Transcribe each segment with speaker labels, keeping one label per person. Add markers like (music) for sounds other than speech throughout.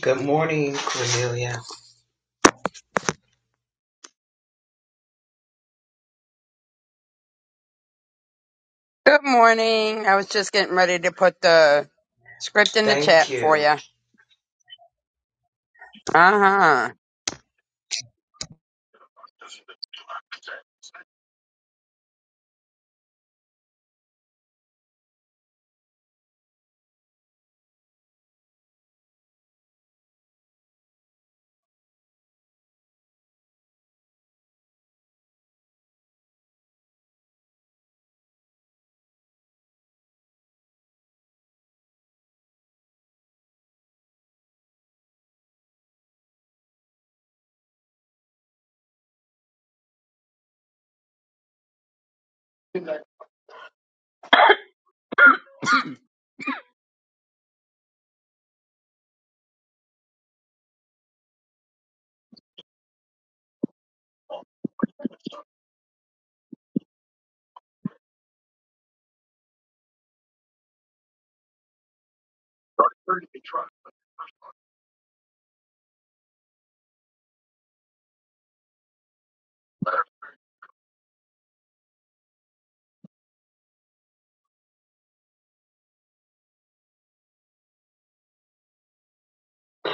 Speaker 1: Good morning, Cornelia.
Speaker 2: Good morning. I was just getting ready to put the script in the
Speaker 1: Thank
Speaker 2: chat for you.
Speaker 1: you.
Speaker 2: Uh huh.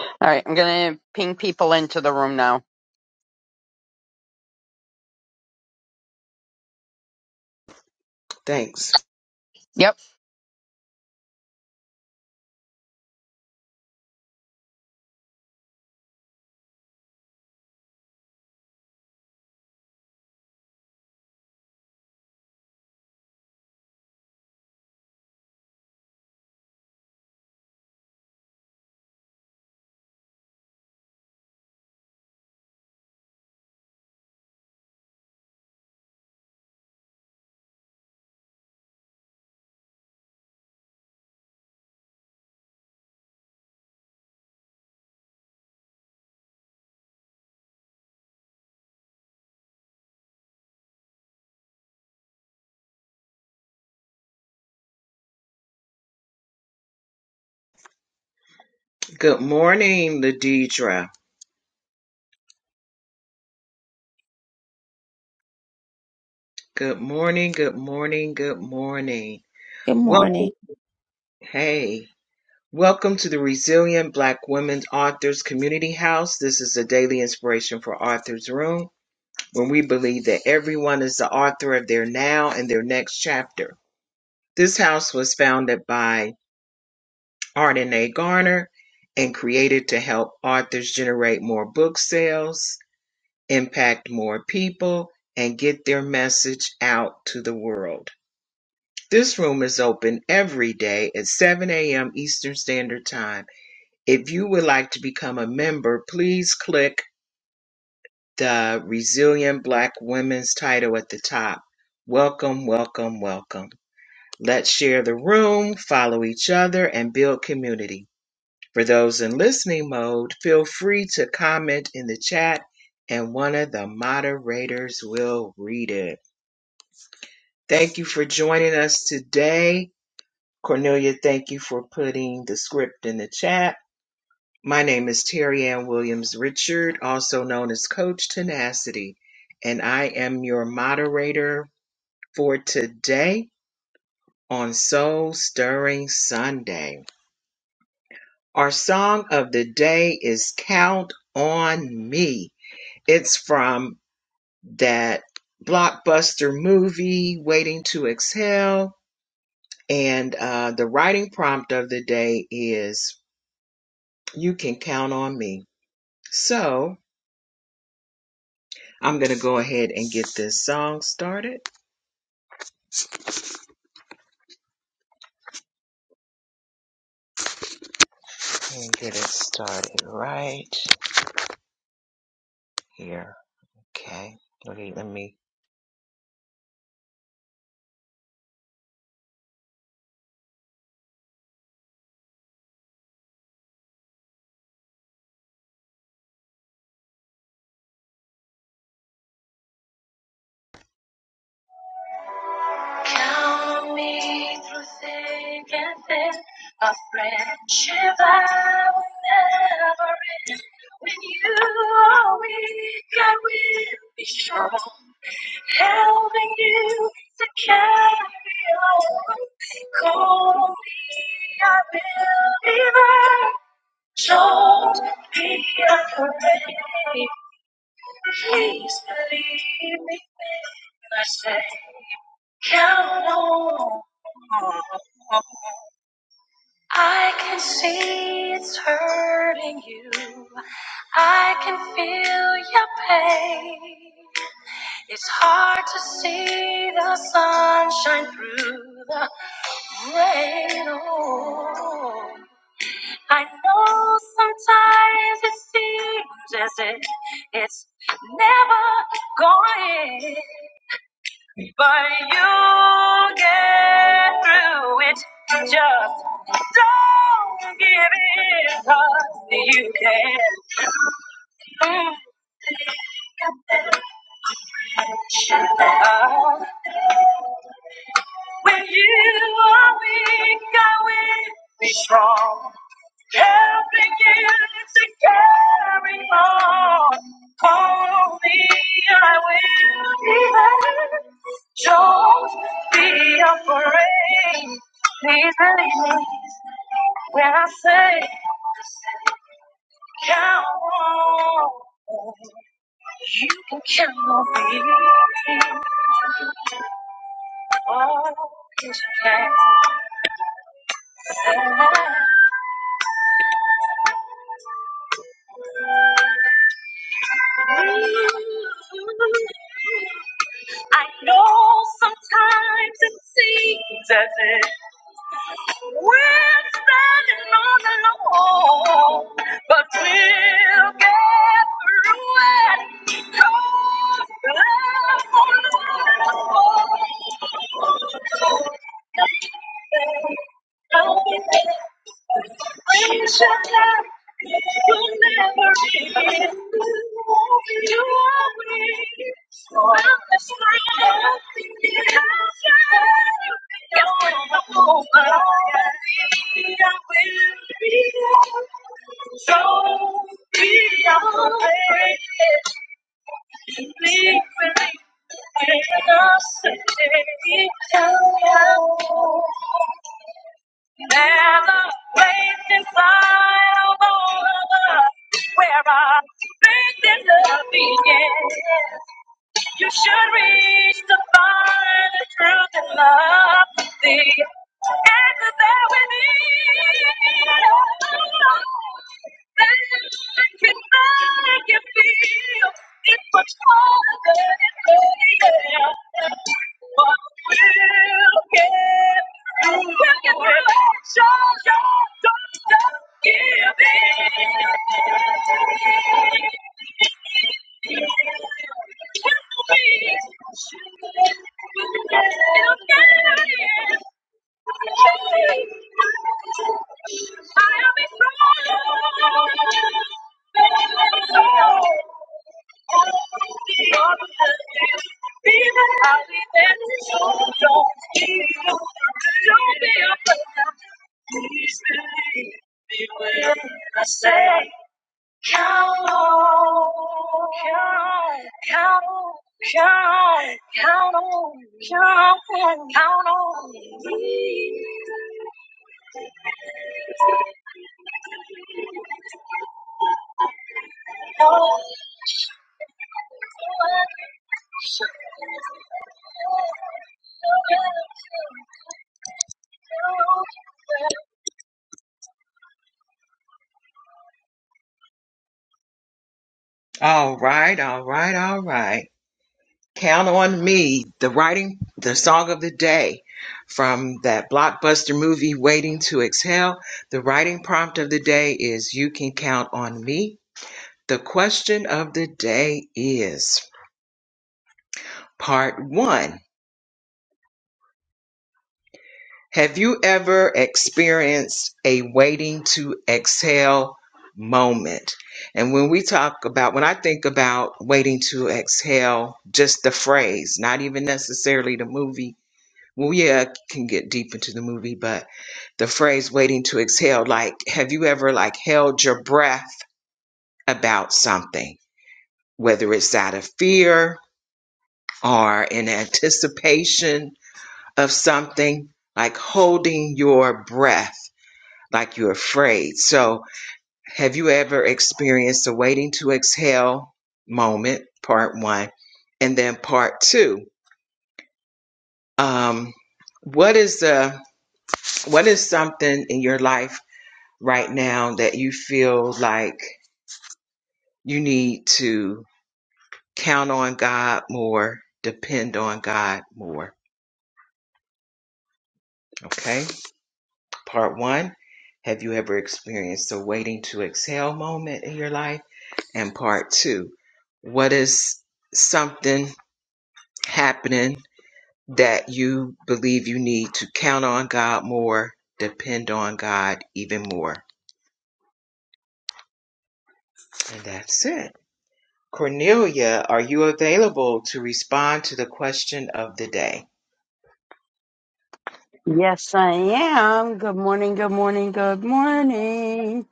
Speaker 2: All right, I'm gonna ping people into the room now.
Speaker 1: Thanks.
Speaker 2: Yep.
Speaker 1: Good morning, Ladidra. Good morning, good morning, good morning.
Speaker 3: Good morning.
Speaker 1: Welcome. Hey. Welcome to the Resilient Black Women Authors Community House. This is a daily inspiration for Authors Room, when we believe that everyone is the author of their now and their next chapter. This house was founded by Arden A. Garner and created to help authors generate more book sales impact more people, and get their message out to the world. This room is open every day at 7 a.m. Eastern Standard Time. If you would like to become a member, please click the Resilient Black Women's title at the top. Welcome, welcome, welcome. Let's share the room, follow each other, and build community. For those in listening mode, feel free to comment in the chat and one of the moderators will read it. Thank you for joining us today. Cornelia, thank you for putting the script in the chat. My name is Terry Ann Williams Richard, also known as Coach Tenacity, and I am your moderator for today on Soul Stirring Sunday. Our song of the day is Count on Me. It's from that blockbuster movie, Waiting to Exhale And uh, the writing prompt of the day is You Can Count on Me. So I'm going to go ahead and get this song started and get it started right here. Okay. Okay, let me Count me through thick and thin. A friendship I will never end. When you are weak, I will be strong, helping you to carry on. Call me, I will be there. Don't be afraid. Please believe me when I say count on. I can see it's hurting you. I can feel your pain. It's hard to see the sunshine through the rain. Oh. I know sometimes it seems as if it's never going, but you get through it. Just don't give in, 'cause you can. Mm. Uh, when you are weak, I will be strong. Help begin to carry on. Call me, I will be there. Don't be afraid. Please believe me when I say count on. You can count on me. Oh, 'cause you can't. I know sometimes it seems as if we're standing on alone, but we'll get through it. 'Cause love will last so be always. Where our faith and love began. You should reach to find the truth and love thee. Answers that we need. That can make you feel it's much harder than it is. But we'll get through. We'll get through it. Show your don't just give in. Don't be afraid. Be ready. Be willing. I say. Count on, count, count, count, count on, count, count on me. All right, all right, all right. Count on me. The writing, the song of the day from that blockbuster movie, Waiting to Exhale. The writing prompt of the day is You Can Count on Me The question of the day is part one. Have you ever experienced a waiting to exhale moment? And when we talk about, when I think about waiting to exhale, just the phrase, not even necessarily the movie. Well, yeah, I can get deep into the movie, but the phrase waiting to exhale, like, have you ever like held your breath about something, whether it's out of fear or in anticipation of something, like holding your breath, like you're afraid. So, have you ever experienced a waiting to exhale moment? Part one, and then part two. Um, what is the what is something in your life right now that you feel like you need to count on God more, depend on God more? Okay. Part one, have you ever experienced a waiting to exhale moment in your life? And part two, what is something happening that you believe you need to count on God more, depend on God even more? And that's it. Cornelia, are you available to respond to the question of the day?
Speaker 2: Yes, I am. Good morning. Good morning. Good morning.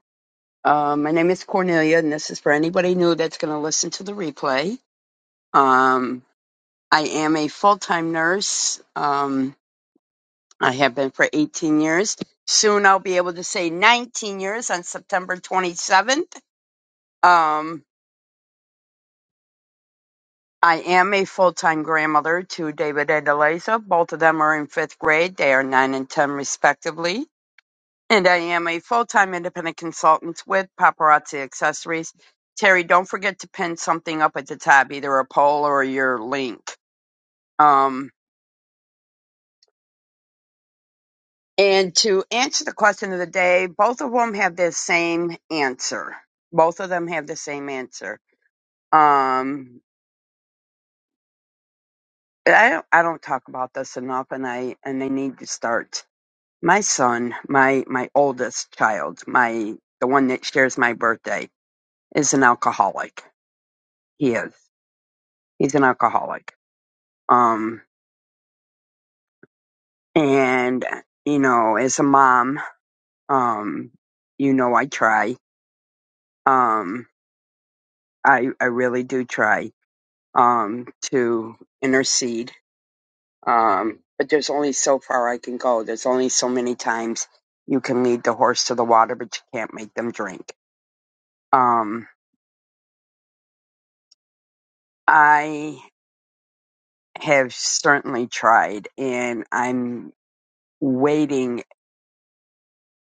Speaker 2: Um, my name is Cornelia, and this is for anybody new that's gonna listen to the replay. Um, I am a full-time nurse. Um, I have been for 18 years. Soon I'll be able to say 19 years on September 27th. Um, I am a full-time grandmother to David and Eliza. Both of them are in fifth grade. They are nine and ten respectively. And I am a full-time independent consultant with Paparazzi Accessories. Terry, don't forget to pin something up at the top, either a poll or your link. Um, and to answer the question of the day, both of them have the same answer. Both of them have the same answer. Um, I don't, I don't talk about this enough, and I and I need to start My son, my my oldest child, my the one that shares my birthday, is an alcoholic. He is. He's an alcoholic. Um and you know, as a mom, um you know I try. Um I I really do try um to intercede. Um but there's only so far I can go. There's only so many times you can lead the horse to the water but you can't make them drink. Um I have certainly tried and I'm waiting.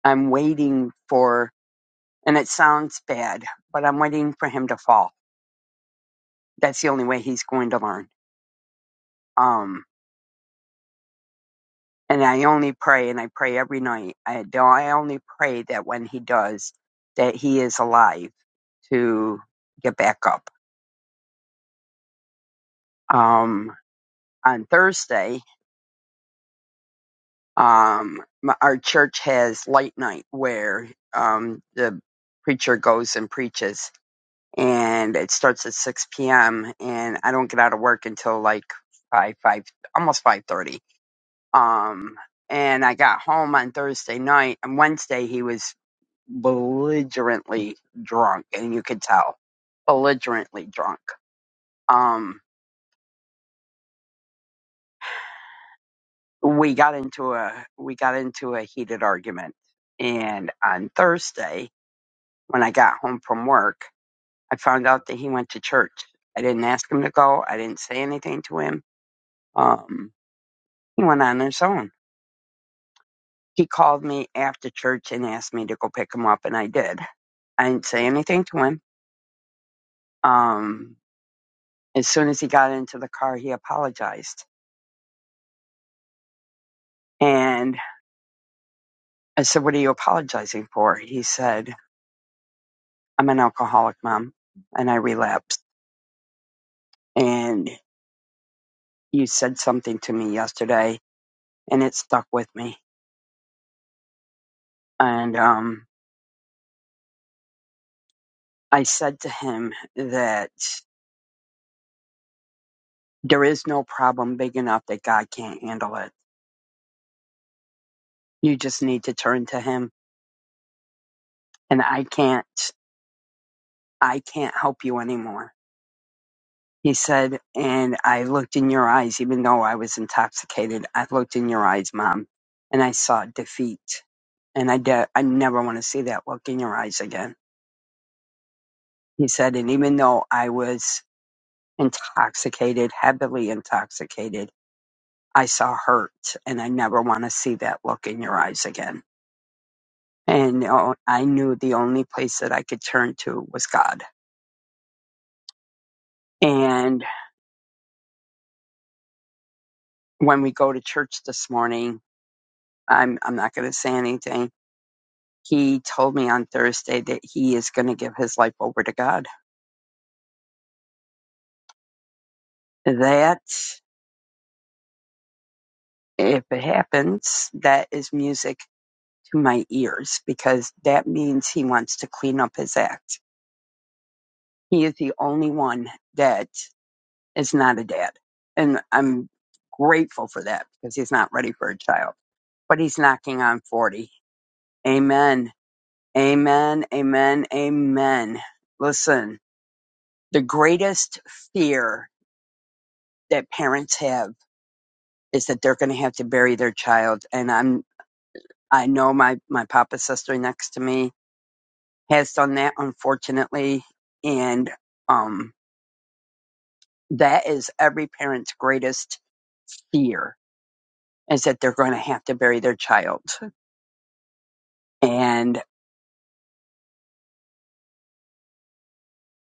Speaker 2: I'm waiting for, and it sounds bad, but I'm waiting for him to fall. That's the only way he's going to learn. Um, and I only pray and I pray every night. I do. I only pray that when he does, that he is alive to get back up. Um, on Thursday, um, my, our church has light night where, um, the preacher goes and preaches and it starts at 6 p.m. and I don't get out of work until like five five almost 5:30. Um, and I got home on Thursday night and Wednesday he was belligerently drunk and you could tell belligerently drunk. Um, we got into a we got into a heated argument and on Thursday when I got home from work I found out that he went to church. I didn't ask him to go. I didn't say anything to him. Um, He went on his own. He called me after church and asked me to go pick him up, and I did. I didn't say anything to him. Um, as soon as he got into the car, he apologized. And I said, What are you apologizing for? He said, I'm an alcoholic, mom, and I relapsed. And you said something to me yesterday, and it stuck with me. And um, I said to him that there is no problem big enough that God can't handle it. You just need to turn to Him and I can't, I can't help you anymore. He said, and I looked in your eyes, even though I was intoxicated. I looked in your eyes, mom, and I saw defeat. And I, de- I never want to see that look in your eyes again. He said, and even though I was intoxicated, heavily intoxicated, I saw hurt and I never want to see that look in your eyes again. And oh, I knew the only place that I could turn to was God. And when we go to church this morning, I'm I'm not going to say anything. He told me on Thursday that he is going to give his life over to God. That if it happens, that is music to my ears because that means he wants to clean up his act. He is the only one that is not a dad. And I'm grateful for that because he's not ready for a child. But he's knocking on 40. Amen. Amen. Amen. Amen. Listen, the greatest fear that parents have is that they're going to have to bury their child. And I'm, I know my, my papa's sister next to me has done that, unfortunately. And, um, that is every parent's greatest fear is that they're going to have to bury their child. And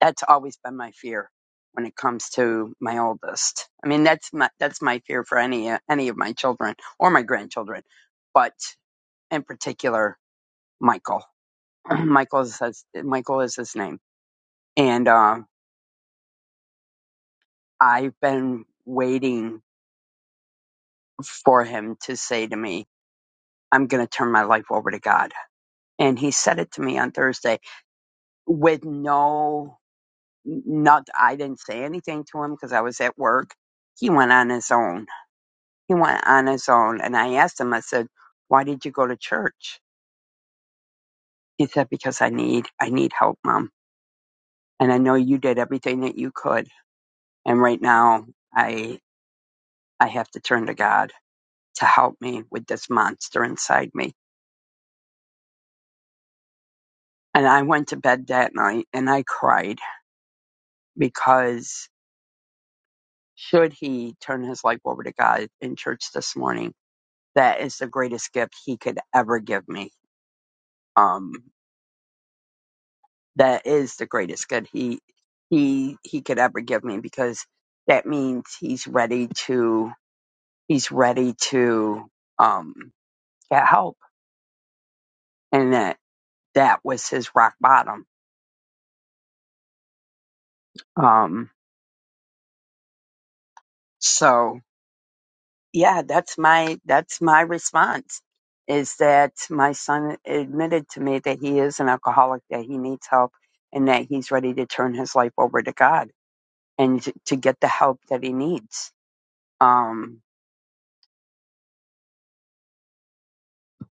Speaker 2: that's always been my fear when it comes to my oldest. I mean, that's my, that's my fear for any, any of my children or my grandchildren, but in particular, Michael. (clears throat) Michael says, Michael is his name And um, I've been waiting for him to say to me, I'm going to turn my life over to God. And he said it to me on Thursday with no, not, I didn't say anything to him because I was at work. He went on his own. He went on his own. And I asked him, I said, why did you go to church? He said, because I need, I need help, mom. And I know you did everything that you could. And right now I, I have to turn to God to help me with this monster inside me And I went to bed that night and I cried because should he turn his life over to God in church this morning, that is the greatest gift he could ever give me. Um, that is the greatest gift he he he could ever give me because that means he's ready to he's ready to um get help and that that was his rock bottom. Um, so yeah, that's my that's my response is that my son admitted to me that he is an alcoholic, that he needs help, and that he's ready to turn his life over to God and t- to get the help that he needs. Um,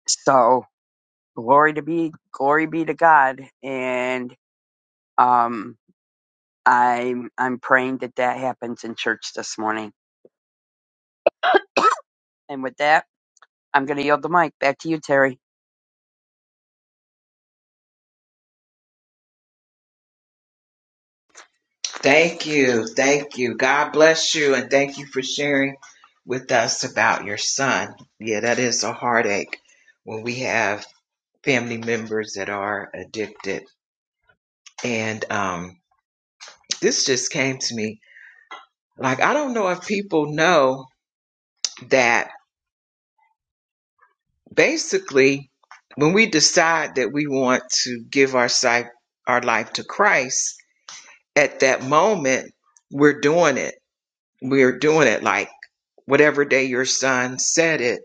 Speaker 2: so glory to be glory be to God, and um, I'm I'm praying that that happens in church this morning. And with that, I'm going to yield the mic back to you, Terry.
Speaker 1: Thank you. Thank you. God bless you. And thank you for sharing with us about your son. Yeah, that is a heartache when we have family members that are addicted. And um, this just came to me. Like, I don't know if people know that basically, when we decide that we want to give our si- our life to Christ, at that moment, we're doing it. We're doing it like whatever day your son said it,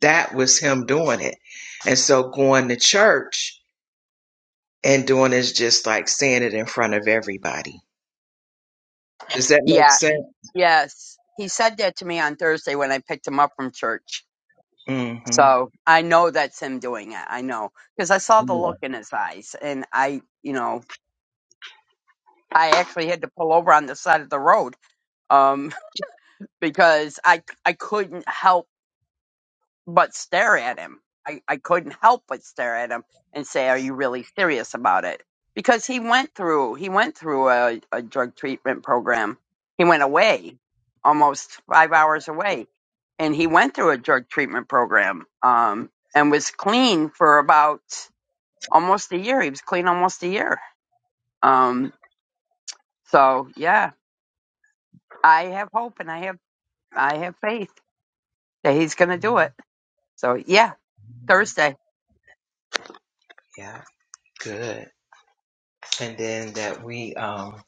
Speaker 1: that was him doing it. And so going to church and doing is just like saying it in front of everybody. Does that make
Speaker 2: Yeah, yes, he said that to me on Thursday when I picked him up from church
Speaker 1: sense? hmm
Speaker 2: So I know that's him doing it. I know because I saw the
Speaker 1: Yeah.
Speaker 2: look in his eyes, and I, you know, I actually had to pull over on the side of the road um, (laughs) because I I couldn't help but stare at him. I, I couldn't help but stare at him and say, "Are you really serious about it?" Because he went through he went through a, a drug treatment program. He went away, almost five hours away, and he went through a drug treatment program um, and was clean for about almost a year. He was clean almost a year. Um, so yeah, I have hope and I have I have faith that he's going to do it. So yeah, Thursday.
Speaker 1: yeah. Good. And then that we um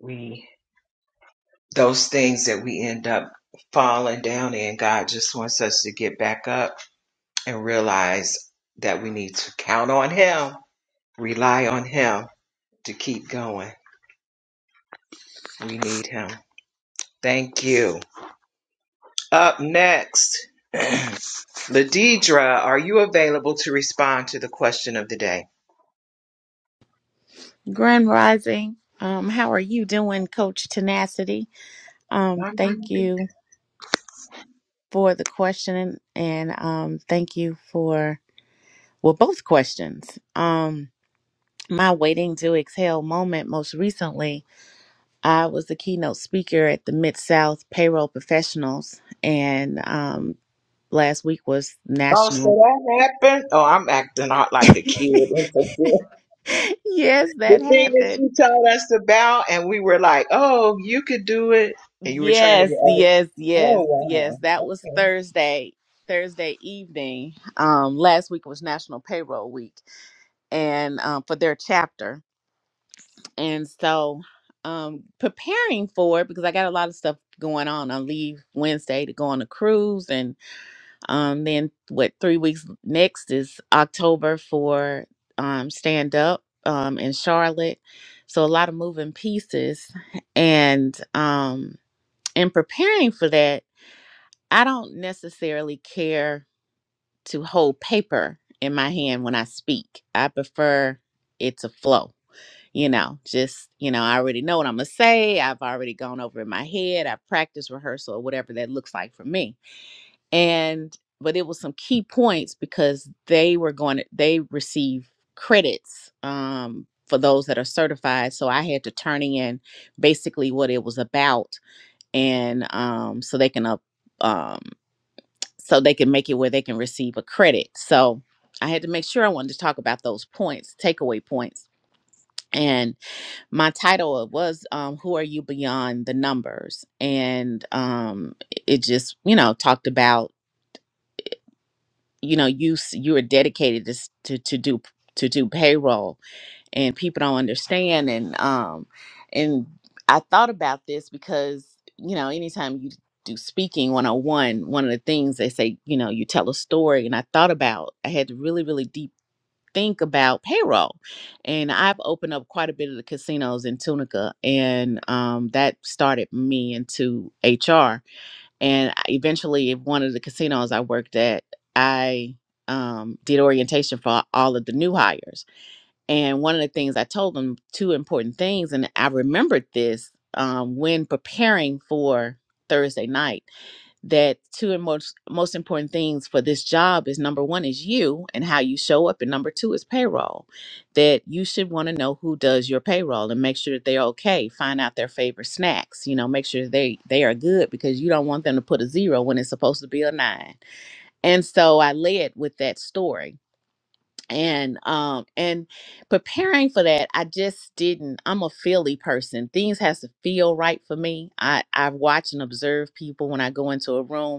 Speaker 1: we those things that we end up falling down in, God just wants us to get back up and realize that we need to count on Him, rely on Him to keep going. We need Him. Thank you. Up next, (clears throat) Ladidra, are you available to respond to the question of the day?
Speaker 3: Grand Rising. Um, how are you doing, Coach Tenacity? Um,
Speaker 1: I'm
Speaker 3: thank
Speaker 1: doing good.
Speaker 3: you for the question and um, thank you for, well, both questions. Um, my waiting to exhale moment most recently, I was the keynote speaker at the Mid South Payroll Professionals, and um, last week was
Speaker 1: Oh, so
Speaker 3: National.
Speaker 1: that happened? Oh, I'm acting out like a kid.
Speaker 3: (laughs)
Speaker 1: (laughs)
Speaker 3: yes,
Speaker 1: The
Speaker 3: that
Speaker 1: thing that
Speaker 3: happened
Speaker 1: you told us about, and we were like, "Oh, you could do it," and you were trying to
Speaker 3: Yes,
Speaker 1: get other.
Speaker 3: yes, yes,
Speaker 1: Oh
Speaker 3: yes.
Speaker 1: wow!
Speaker 3: That was
Speaker 1: Okay.
Speaker 3: Thursday, Thursday evening. Um, last week was National Payroll Week, and um, for their chapter, and so um, preparing for it because I got a lot of stuff going on. I leave Wednesday to go on a cruise, and um, then what? Three weeks next is October for um, stand up um, in Charlotte. So a lot of moving pieces, and um, in preparing for that. I don't necessarily care to hold paper in my hand when I speak. I prefer it to flow. You know, just, you know, I already know what I'm going to say. I've already gone over in my head. I practiced rehearsal or whatever that looks like for me. And, but it was some key points because they were going to, they receive credits um, for those that are certified. So I had to turn in basically what it was about. And um, so they can up, um, so they can make it where they can receive a credit. So I had to make sure I wanted to talk about those points, takeaway points. And my title was um, Who Are You Beyond the Numbers? And um, it just, you know, talked about, you know, you s- you are dedicated to, s- to, to do to do payroll and people don't understand and um and i thought about this because you know anytime you do speaking 101 one one of the things they say you know you tell a story and i thought about i had to really really deep think about payroll and i've opened up quite a bit of the casinos in tunica and um, that started me into hr and I- eventually at one of the casinos i worked at i um, did orientation for all of the new hires and one of the things I told them, two important things, and I remembered this um, when preparing for Thursday night, that two and most, most important things for this job is number one is you and how you show up, and number two is payroll. That you should want to know who does your payroll and make sure that they're okay. Find out their favorite snacks, you know, make sure they they are good because you don't want them to put a zero when it's supposed to be a nine. And so I led with that story and um and preparing for that i just didn't i'm a feely person things has to feel right for me i i watch and observe people when i go into a room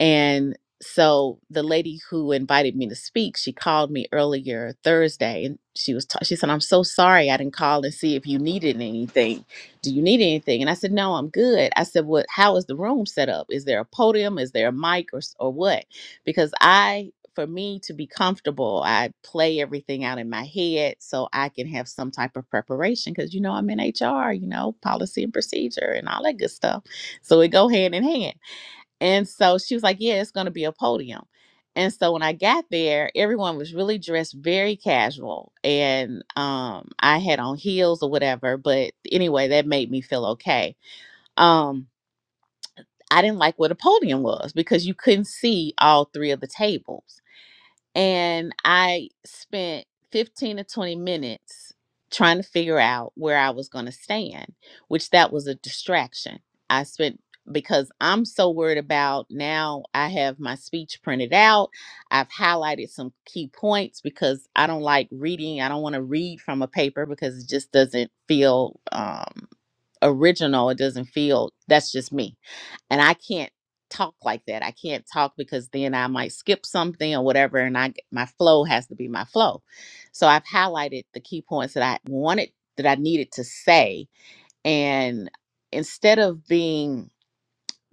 Speaker 3: and so the lady who invited me to speak, she called me earlier Thursday and she was ta- she said I'm so sorry I didn't call and see if you needed anything. Do you need anything? And I said no, I'm good. I said what how is the room set up? Is there a podium? Is there a mic or s- or what? Because I for me to be comfortable, I play everything out in my head so I can have some type of preparation cuz you know I'm in HR, you know, policy and procedure and all that good stuff. So it go hand in hand. And so she was like, Yeah, it's going to be a podium. And so when I got there, everyone was really dressed very casual. And um, I had on heels or whatever. But anyway, that made me feel okay. Um, I didn't like where the podium was because you couldn't see all three of the tables and I spent 15 to 20 minutes trying to figure out where I was going to stand, which that was a distraction. I spent because I'm so worried about now I have my speech printed out. I've highlighted some key points because I don't like reading. I don't want to read from a paper because it just doesn't feel um original. It doesn't feel that's just me. And I can't talk like that. I can't talk because then I might skip something or whatever and I my flow has to be my flow. So I've highlighted the key points that I wanted that I needed to say and instead of being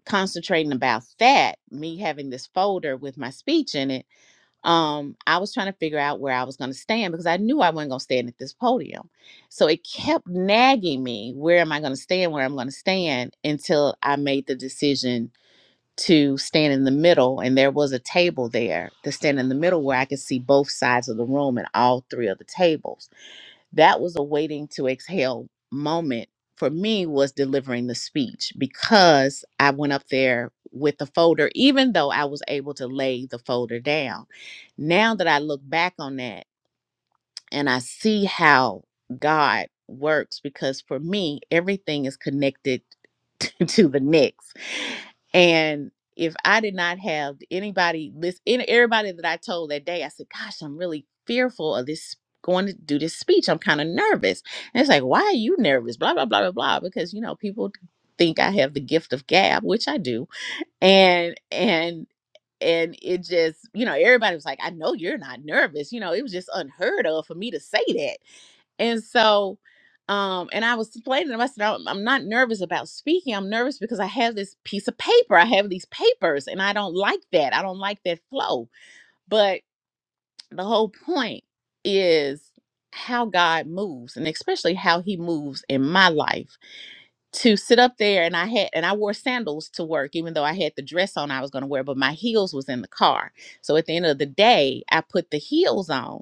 Speaker 3: concentrating about that, me having this folder with my speech in it um, I was trying to figure out where I was going to stand because I knew I wasn't going to stand at this podium. So it kept nagging me, where am I going to stand, where I'm going to stand, until I made the decision to stand in the middle. And there was a table there to stand in the middle where I could see both sides of the room and all three of the tables that was a waiting to exhale moment for me was delivering the speech because I went up there with the folder, even though I was able to lay the folder down. Now that I look back on that and I see how God works, because for me, everything is connected (laughs) to, the next. And if I did not have anybody listen, everybody that I told that day, I said, "Gosh, I'm really fearful of this going to do this speech. I'm kind of nervous." And it's like, "Why are you nervous?" Blah blah blah blah blah. Because you know people think I have the gift of gab, which I do, and and and it just you know everybody was like, "I know you're not nervous." You know, it was just unheard of for me to say that. And so, um, and I was explaining to them, I said, I'm I'm not nervous about speaking. I'm nervous because I have this piece of paper. I have these papers and I don't like that. I don't like that flow. But the whole point is how God moves and especially how he moves in my life to sit up there and I had and I wore sandals to work even though I had the dress on I was going to wear but my heels was in the car. So at the end of the day, I put the heels on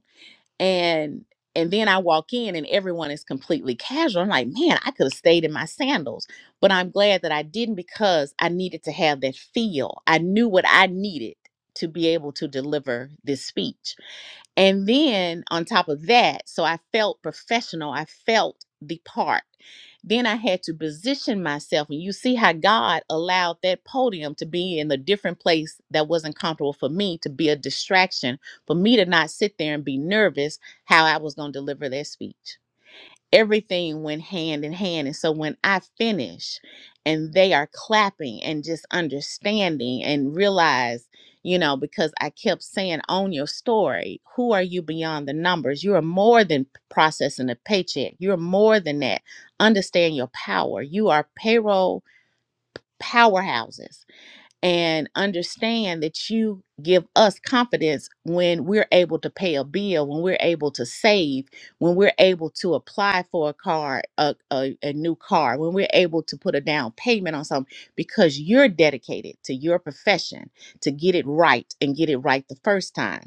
Speaker 3: and and then I walk in and everyone is completely casual. I'm like, man, I could have stayed in my sandals, but I'm glad that I didn't because I needed to have that feel. I knew what I needed to be able to deliver this speech and then on top of that, so I felt professional, I felt the part. Then I had to position myself, and you see how God allowed that podium to be in a different place that wasn't comfortable for me to be a distraction, for me to not sit there and be nervous how I was going to deliver that speech everything went hand in hand. And so when I finish and they are clapping and just understanding and realize, you know, because I kept saying, own your story. Who are you beyond the numbers? You are more than processing a paycheck. You're more than that. Understand your power. You are payroll powerhouses and understand that you give us confidence when we're able to pay a bill, when we're able to save, when we're able to apply for a car, a, a, a new car, when we're able to put a down payment on something, because you're dedicated to your profession to get it right and get it right the first time.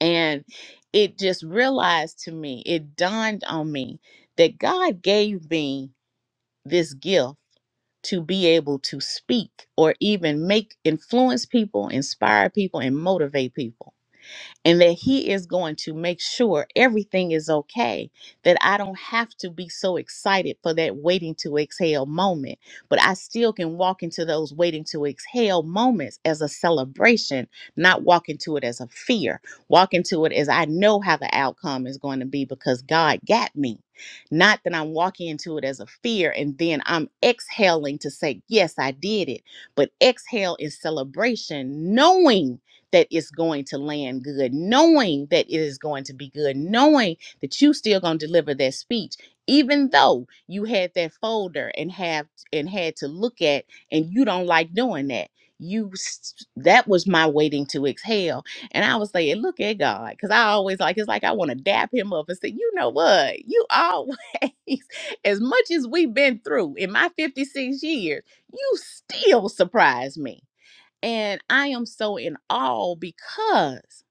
Speaker 3: And it just realized to me, it dawned on me that God gave me this gift to be able to speak or even make influence people, inspire people, and motivate people and that he is going to make sure everything is okay that i don't have to be so excited for that waiting to exhale moment but i still can walk into those waiting to exhale moments as a celebration not walk into it as a fear walk into it as i know how the outcome is going to be because god got me not that i'm walking into it as a fear and then i'm exhaling to say yes i did it but exhale is celebration knowing that it's going to land good, knowing that it is going to be good, knowing that you still gonna deliver that speech, even though you had that folder and have and had to look at and you don't like doing that. You s- that was my waiting to exhale. And I was saying, look at God, because I always like it's like I want to dap him up and say, you know what? You always, (laughs) as much as we've been through in my 56 years, you still surprise me and I am so in awe because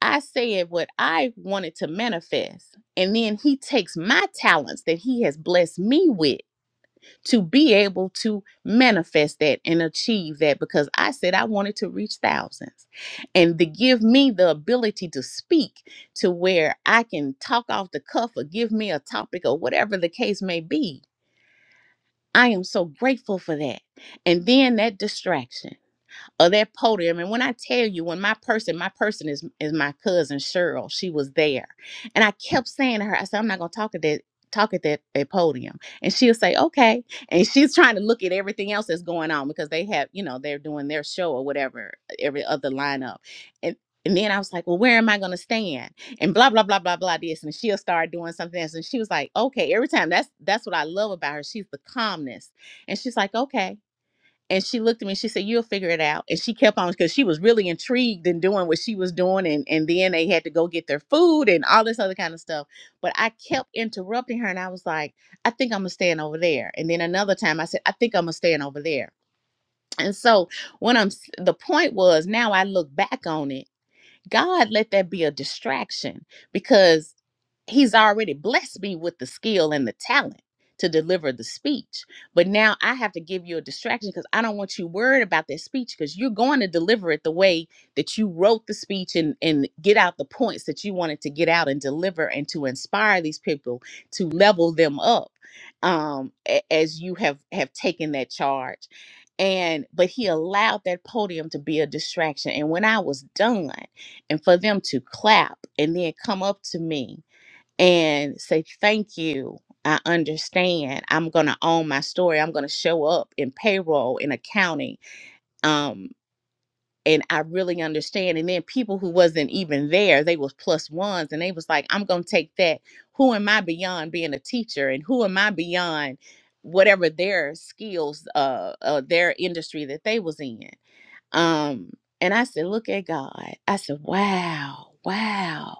Speaker 3: I said what I wanted to manifest. And then he takes my talents that he has blessed me with to be able to manifest that and achieve that because I said I wanted to reach thousands and to give me the ability to speak to where I can talk off the cuff or give me a topic or whatever the case may be. I am so grateful for that. And then that distraction of that podium. And when I tell you, when my person, my person is is my cousin Cheryl. She was there, and I kept saying to her, I said, I'm not gonna talk at that talk at that, that podium and she'll say okay and she's trying to look at everything else that's going on because they have you know they're doing their show or whatever every other lineup and and then i was like well where am i going to stand and blah blah blah blah blah this and she'll start doing something else and she was like okay every time that's that's what i love about her she's the calmness and she's like okay and she looked at me she said, You'll figure it out. And she kept on because she was really intrigued in doing what she was doing. And, and then they had to go get their food and all this other kind of stuff. But I kept interrupting her and I was like, I think I'm going to stand over there. And then another time I said, I think I'm going to stand over there. And so when I'm s- the point was now I look back on it God let that be a distraction because he's already blessed me with the skill and the talent to deliver the speech. But now I have to give you a distraction because I don't want you worried about that speech because you're going to deliver it the way that you wrote the speech and, and get out the points that you wanted to get out and deliver and to inspire these people to level them up um, a- as you have have taken that charge. And but he allowed that podium to be a distraction. And when I was done, and for them to clap and then come up to me and say thank you i understand i'm going to own my story i'm going to show up in payroll in accounting um and i really understand and then people who wasn't even there they was plus ones and they was like i'm going to take that who am i beyond being a teacher and who am i beyond whatever their skills uh, uh their industry that they was in um, and I said, Look at God. I said, Wow, wow.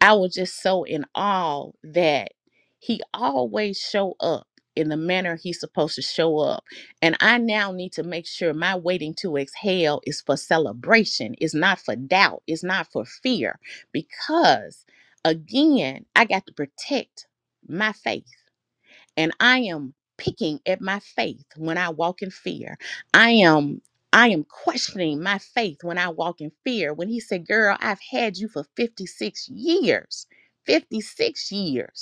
Speaker 3: I was just so in awe that he always show up in the manner he's supposed to show up. And I now need to make sure my waiting to exhale is for celebration, it's not for doubt, it's not for fear. Because again, I got to protect my faith and I am picking at my faith when I walk in fear. I am I am questioning my faith when I walk in fear. When he said, "Girl, I've had you for 56 years." 56 years.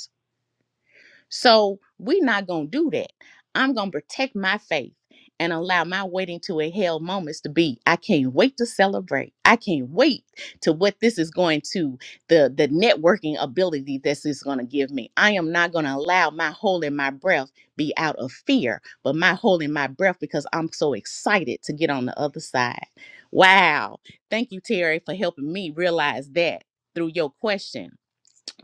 Speaker 3: So we're not going to do that. I'm going to protect my faith and allow my waiting to inhale moments to be. I can't wait to celebrate. I can't wait to what this is going to the the networking ability this is going to give me. I am not going to allow my holding my breath be out of fear, but my holding my breath because I'm so excited to get on the other side. Wow. Thank you Terry for helping me realize that through your question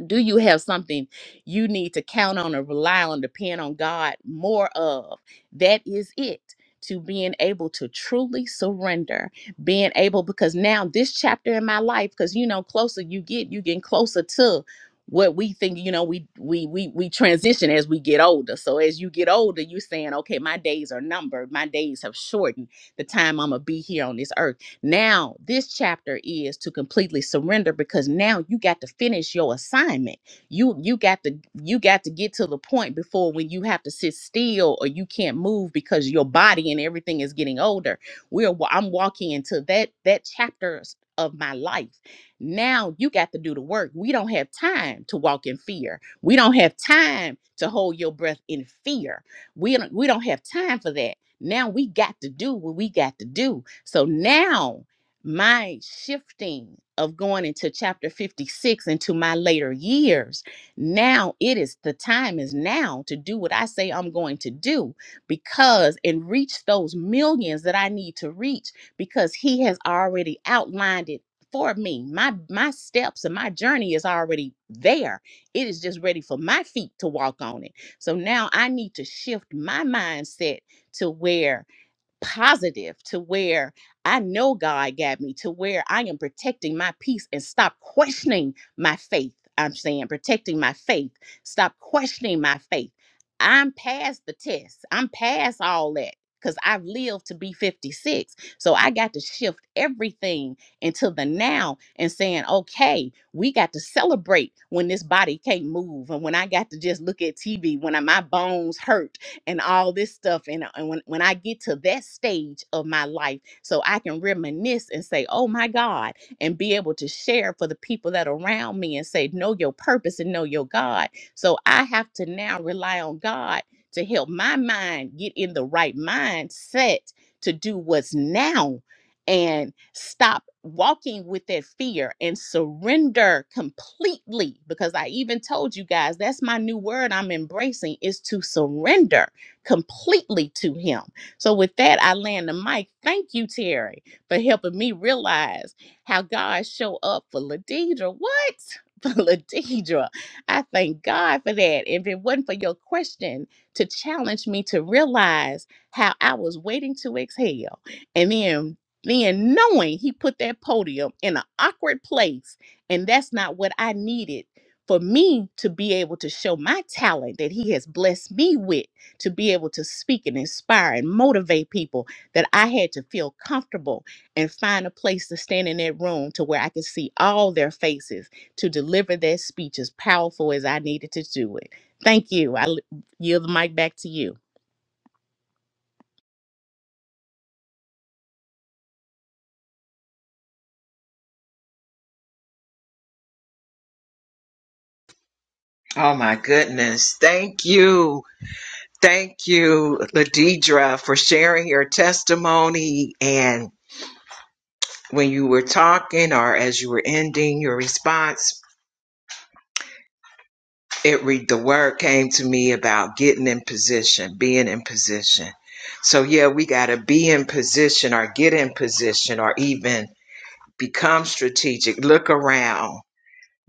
Speaker 3: do you have something you need to count on or rely on depend on god more of that is it to being able to truly surrender being able because now this chapter in my life because you know closer you get you getting closer to what we think you know we we we we transition as we get older so as you get older you saying okay my days are numbered my days have shortened the time i'm gonna be here on this earth now, this chapter is to completely surrender because now you got to finish your assignment. You you got to you got to get to the point before when you have to sit still or you can't move because your body and everything is getting older. We're wa- I'm walking into that that chapter s- of my life. Now you got to do the work. We don't have time to walk in fear. We don't have time to hold your breath in fear. We don't, we don't have time for that now we got to do what we got to do. So now my shifting of going into chapter 56 into my later years, now it is the time is now to do what I say I'm going to do because and reach those millions that I need to reach because he has already outlined it for me. My my steps and my journey is already there. It is just ready for my feet to walk on it. So now I need to shift my mindset to where positive to where I know God got me to where I am protecting my peace and stop questioning my faith. I'm saying protecting my faith. Stop questioning my faith. I'm past the test. I'm past all that because I've lived to be 56. So I got to shift everything into the now and saying, okay, we got to celebrate when this body can't move and when I got to just look at TV, when I- my bones hurt and all this stuff. And, uh, and when, when I get to that stage of my life, so I can reminisce and say, oh my God, and be able to share for the people that are around me and say, know your purpose and know your God. So I have to now rely on God to help my mind get in the right mindset to do what's now and stop walking with that fear and surrender completely because i even told you guys that's my new word i'm embracing is to surrender completely to Him. So, with that, I land the mic. Thank you, Terry, for helping me realize how God show up for Ladidra. What? (laughs) For Ladidra. I thank God for that. If it wasn't for your question to challenge me to realize how I was waiting to exhale and then then knowing he put that podium in an awkward place and that's not what I needed for me to be able to show my talent that he has blessed me with to be able to speak and inspire and motivate people that I had to feel comfortable and find a place to stand in that room to where I could see all their faces to deliver that speech as powerful as I needed to do it. Thank you. I l- yield the mic back to you.
Speaker 1: Oh my goodness! Thank you, thank you, Ladidra, for sharing your testimony. And when you were talking, or as you were ending your response, it read the word came to me about getting in position, being in position. So yeah, we gotta be in position, or get in position, or even Become strategic. Look around.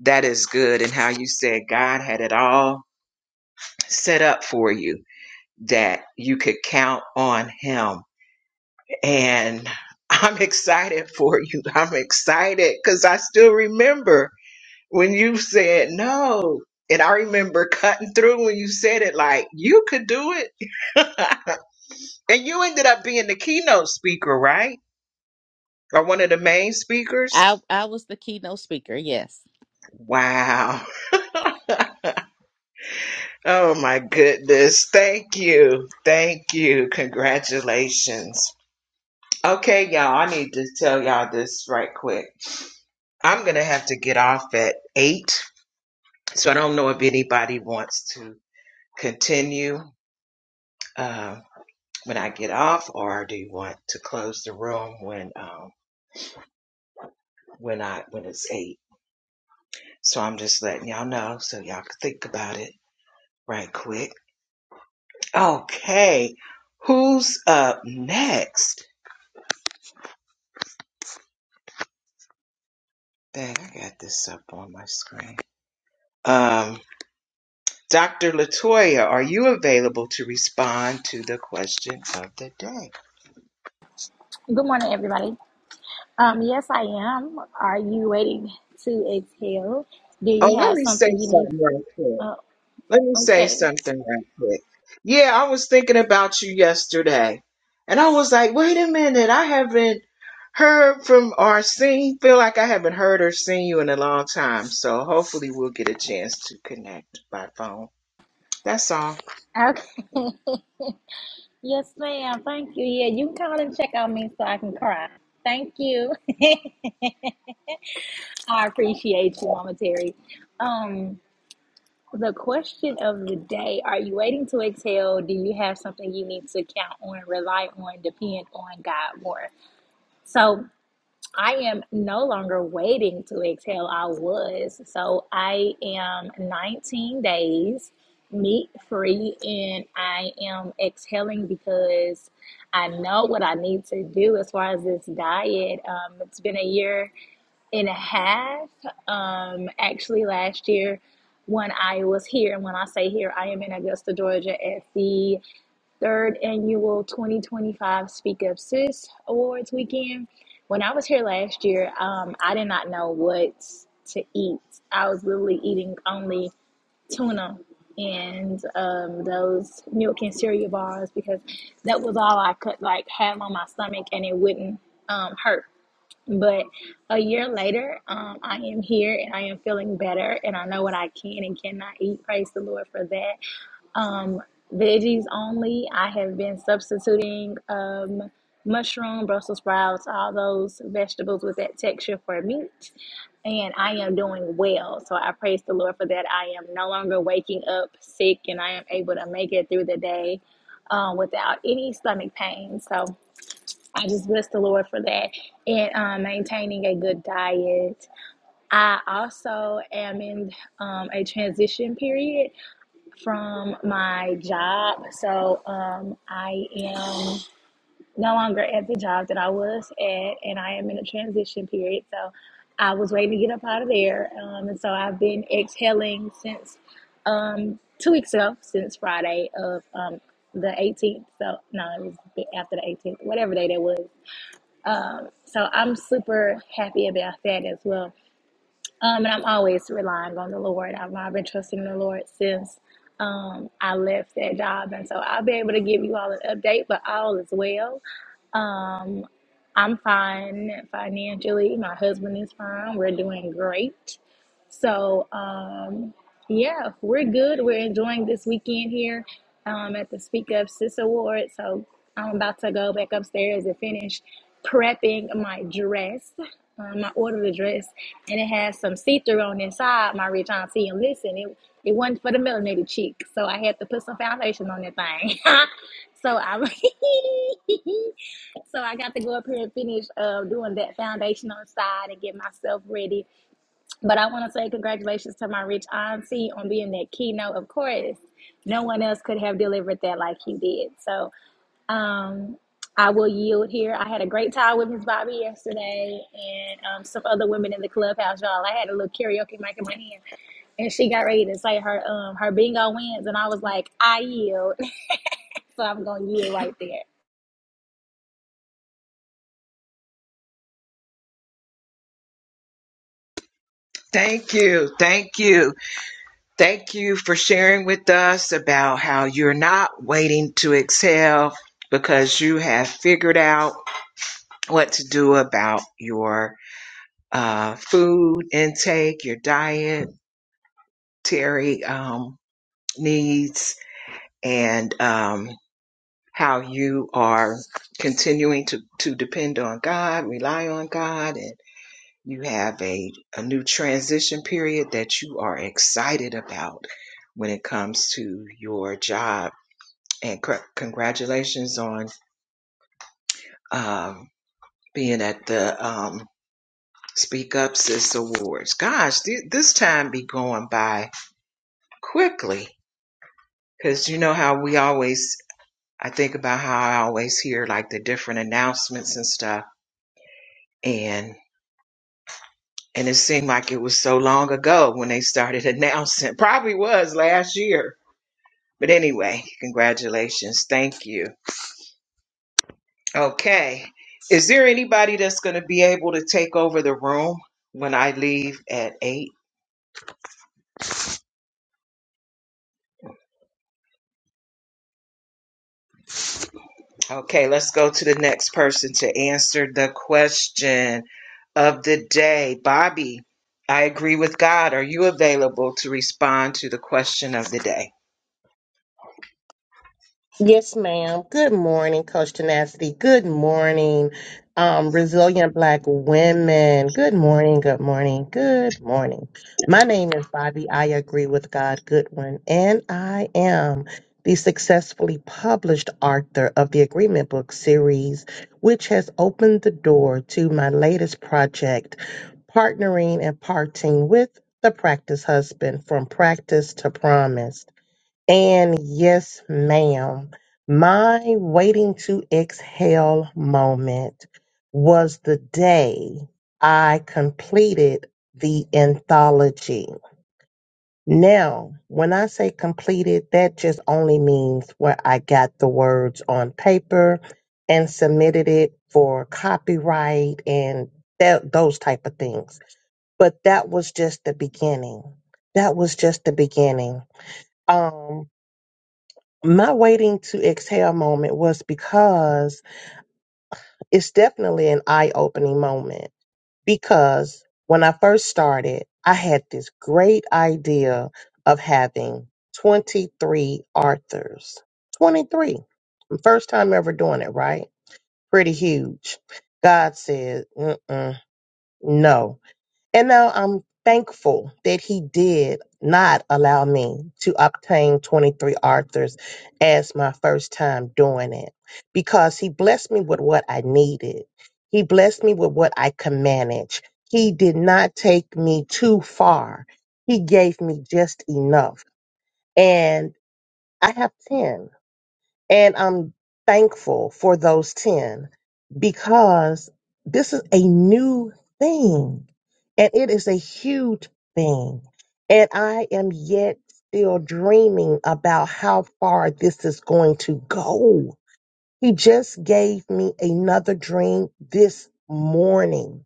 Speaker 1: That is good. And how you said God had it all set up for you that you could count on Him. And I'm excited for you. I'm excited because I still remember when you said no. And I remember cutting through when you said it, like, you could do it. (laughs) and you ended up being the keynote speaker, right? Or one of the main speakers?
Speaker 3: I, I was the keynote speaker, yes.
Speaker 1: Wow. (laughs) Oh my goodness. Thank you. Thank you. Congratulations. Okay, y'all, I need to tell y'all this right quick. I'm going to have to get off at 8, so I don't know if anybody wants to continue uh, when I get off or do you want to close the room when um, when I when it's 8. So I'm just letting y'all know so y'all can think about it right quick. Okay. Who's up next? that I got this up on my screen. Um, Dr. Latoya, are you available to respond to the question of the day?
Speaker 4: Good morning, everybody. Um, yes, I am. Are you waiting to exhale? Do
Speaker 1: Oh,
Speaker 4: you
Speaker 1: let
Speaker 4: have
Speaker 1: me say
Speaker 4: something you need?
Speaker 1: something right quick.
Speaker 4: Uh,
Speaker 1: Let me say
Speaker 4: okay.
Speaker 1: something right quick. Yeah, I was thinking about you yesterday, and I was like, wait a minute, I haven't heard from or seen, feel like I haven't heard or seen you in a long time. So hopefully we'll get a chance to connect by phone. That's all.
Speaker 4: Okay. (laughs) yes, ma'am. Thank you. Yeah, you can call and check on me so I can cry. Thank you. (laughs) I appreciate you, Mama Terry. Um, the question of the day Are you waiting to exhale? Do you have something you need to count on, rely on, depend on God more? So, I am no longer waiting to exhale. I was. So I am 19 days meat free and I am exhaling because I know what I need to do as far as this diet. Um, it's been a year and a half. Um, actually, last year when I was here, and when I say here, I am in Augusta, Georgia at the third annual 2025 Speak Up Sis Awards weekend. When I was here last year, um, I did not know what to eat. I was literally eating only tuna and um, those milk and cereal bars because that was all I could like have on my stomach and it wouldn't um, hurt. But a year later, um, I am here and I am feeling better and I know what I can and cannot eat. Praise the Lord for that. Um, veggies only. I have been substituting um, mushroom, Brussels sprouts, all those vegetables with that texture for meat. And I am doing well. So I praise the Lord for that. I am no longer waking up sick and I am able to make it through the day um, without any stomach pain. So I just bless the Lord for that and um, maintaining a good diet. I also am in um, a transition period from my job. So um, I am no longer at the job that I was at, and I am in a transition period. So I was waiting to get up out of there. Um, and so I've been exhaling since um, two weeks ago, since Friday of um, the 18th. So, no, it was after the 18th, whatever day that was. Um, so I'm super happy about that as well. Um, and I'm always relying on the Lord. I've, I've been trusting the Lord since um, I left that job. And so I'll be able to give you all an update, but all is well. Um, I'm fine financially. My husband is fine. We're doing great. So, um, yeah, we're good. We're enjoying this weekend here um, at the Speak Up Sis Award. So, I'm about to go back upstairs and finish prepping my dress. Um, I ordered a dress and it had some see-through on the inside, my rich auntie. And listen, it it wasn't for the melanated cheek, so I had to put some foundation on that thing. (laughs) so I (laughs) so I got to go up here and finish uh, doing that foundation on the side and get myself ready. But I want to say congratulations to my rich auntie on being that keynote. Of course, no one else could have delivered that like you did. So um, I will yield here. I had a great time with Miss Bobby yesterday and um, some other women in the clubhouse, y'all. I had a little karaoke mic in my hand, and she got ready to say her um her bingo wins, and I was like, I yield. (laughs) so I'm gonna yield right there.
Speaker 1: Thank you. Thank you. Thank you for sharing with us about how you're not waiting to exhale because you have figured out what to do about your uh, food intake, your dietary um, needs, and um, how you are continuing to, to depend on God, rely on God, and you have a, a new transition period that you are excited about when it comes to your job and cr- congratulations on um, being at the um, Speak Up Sis Awards. Gosh, th- this time be going by quickly because you know how we always, I think about how I always hear like the different announcements and stuff, and and it seemed like it was so long ago when they started (laughs) announcing. Probably was last year. But anyway, congratulations. Thank you. Okay. Is there anybody that's going to be able to take over the room when I leave at 8? Okay, let's go to the next person to answer the question of the day. Bobby, I agree with God. Are you available to respond to the question of the day?
Speaker 5: Yes, ma'am. Good morning, Coach Tenacity. Good morning, um, resilient black women. Good morning, good morning, good morning. My name is Bobby. I agree with God Goodwin, and I am the successfully published author of the Agreement Book series, which has opened the door to my latest project, partnering and parting with the practice husband from practice to promise. And yes, ma'am, my waiting to exhale moment was the day I completed the anthology. Now, when I say completed, that just only means where I got the words on paper and submitted it for copyright and that, those type of things. But that was just the beginning. That was just the beginning. Um my waiting to exhale moment was because it's definitely an eye opening moment. Because when I first started, I had this great idea of having 23 authors. 23. First time ever doing it, right? Pretty huge. God said, Mm-mm, no. And now I'm thankful that he did not allow me to obtain 23 Arthurs as my first time doing it because he blessed me with what I needed. He blessed me with what I can manage. He did not take me too far. He gave me just enough. And I have 10. And I'm thankful for those 10 because this is a new thing and it is a huge thing. And I am yet still dreaming about how far this is going to go. He just gave me another dream this morning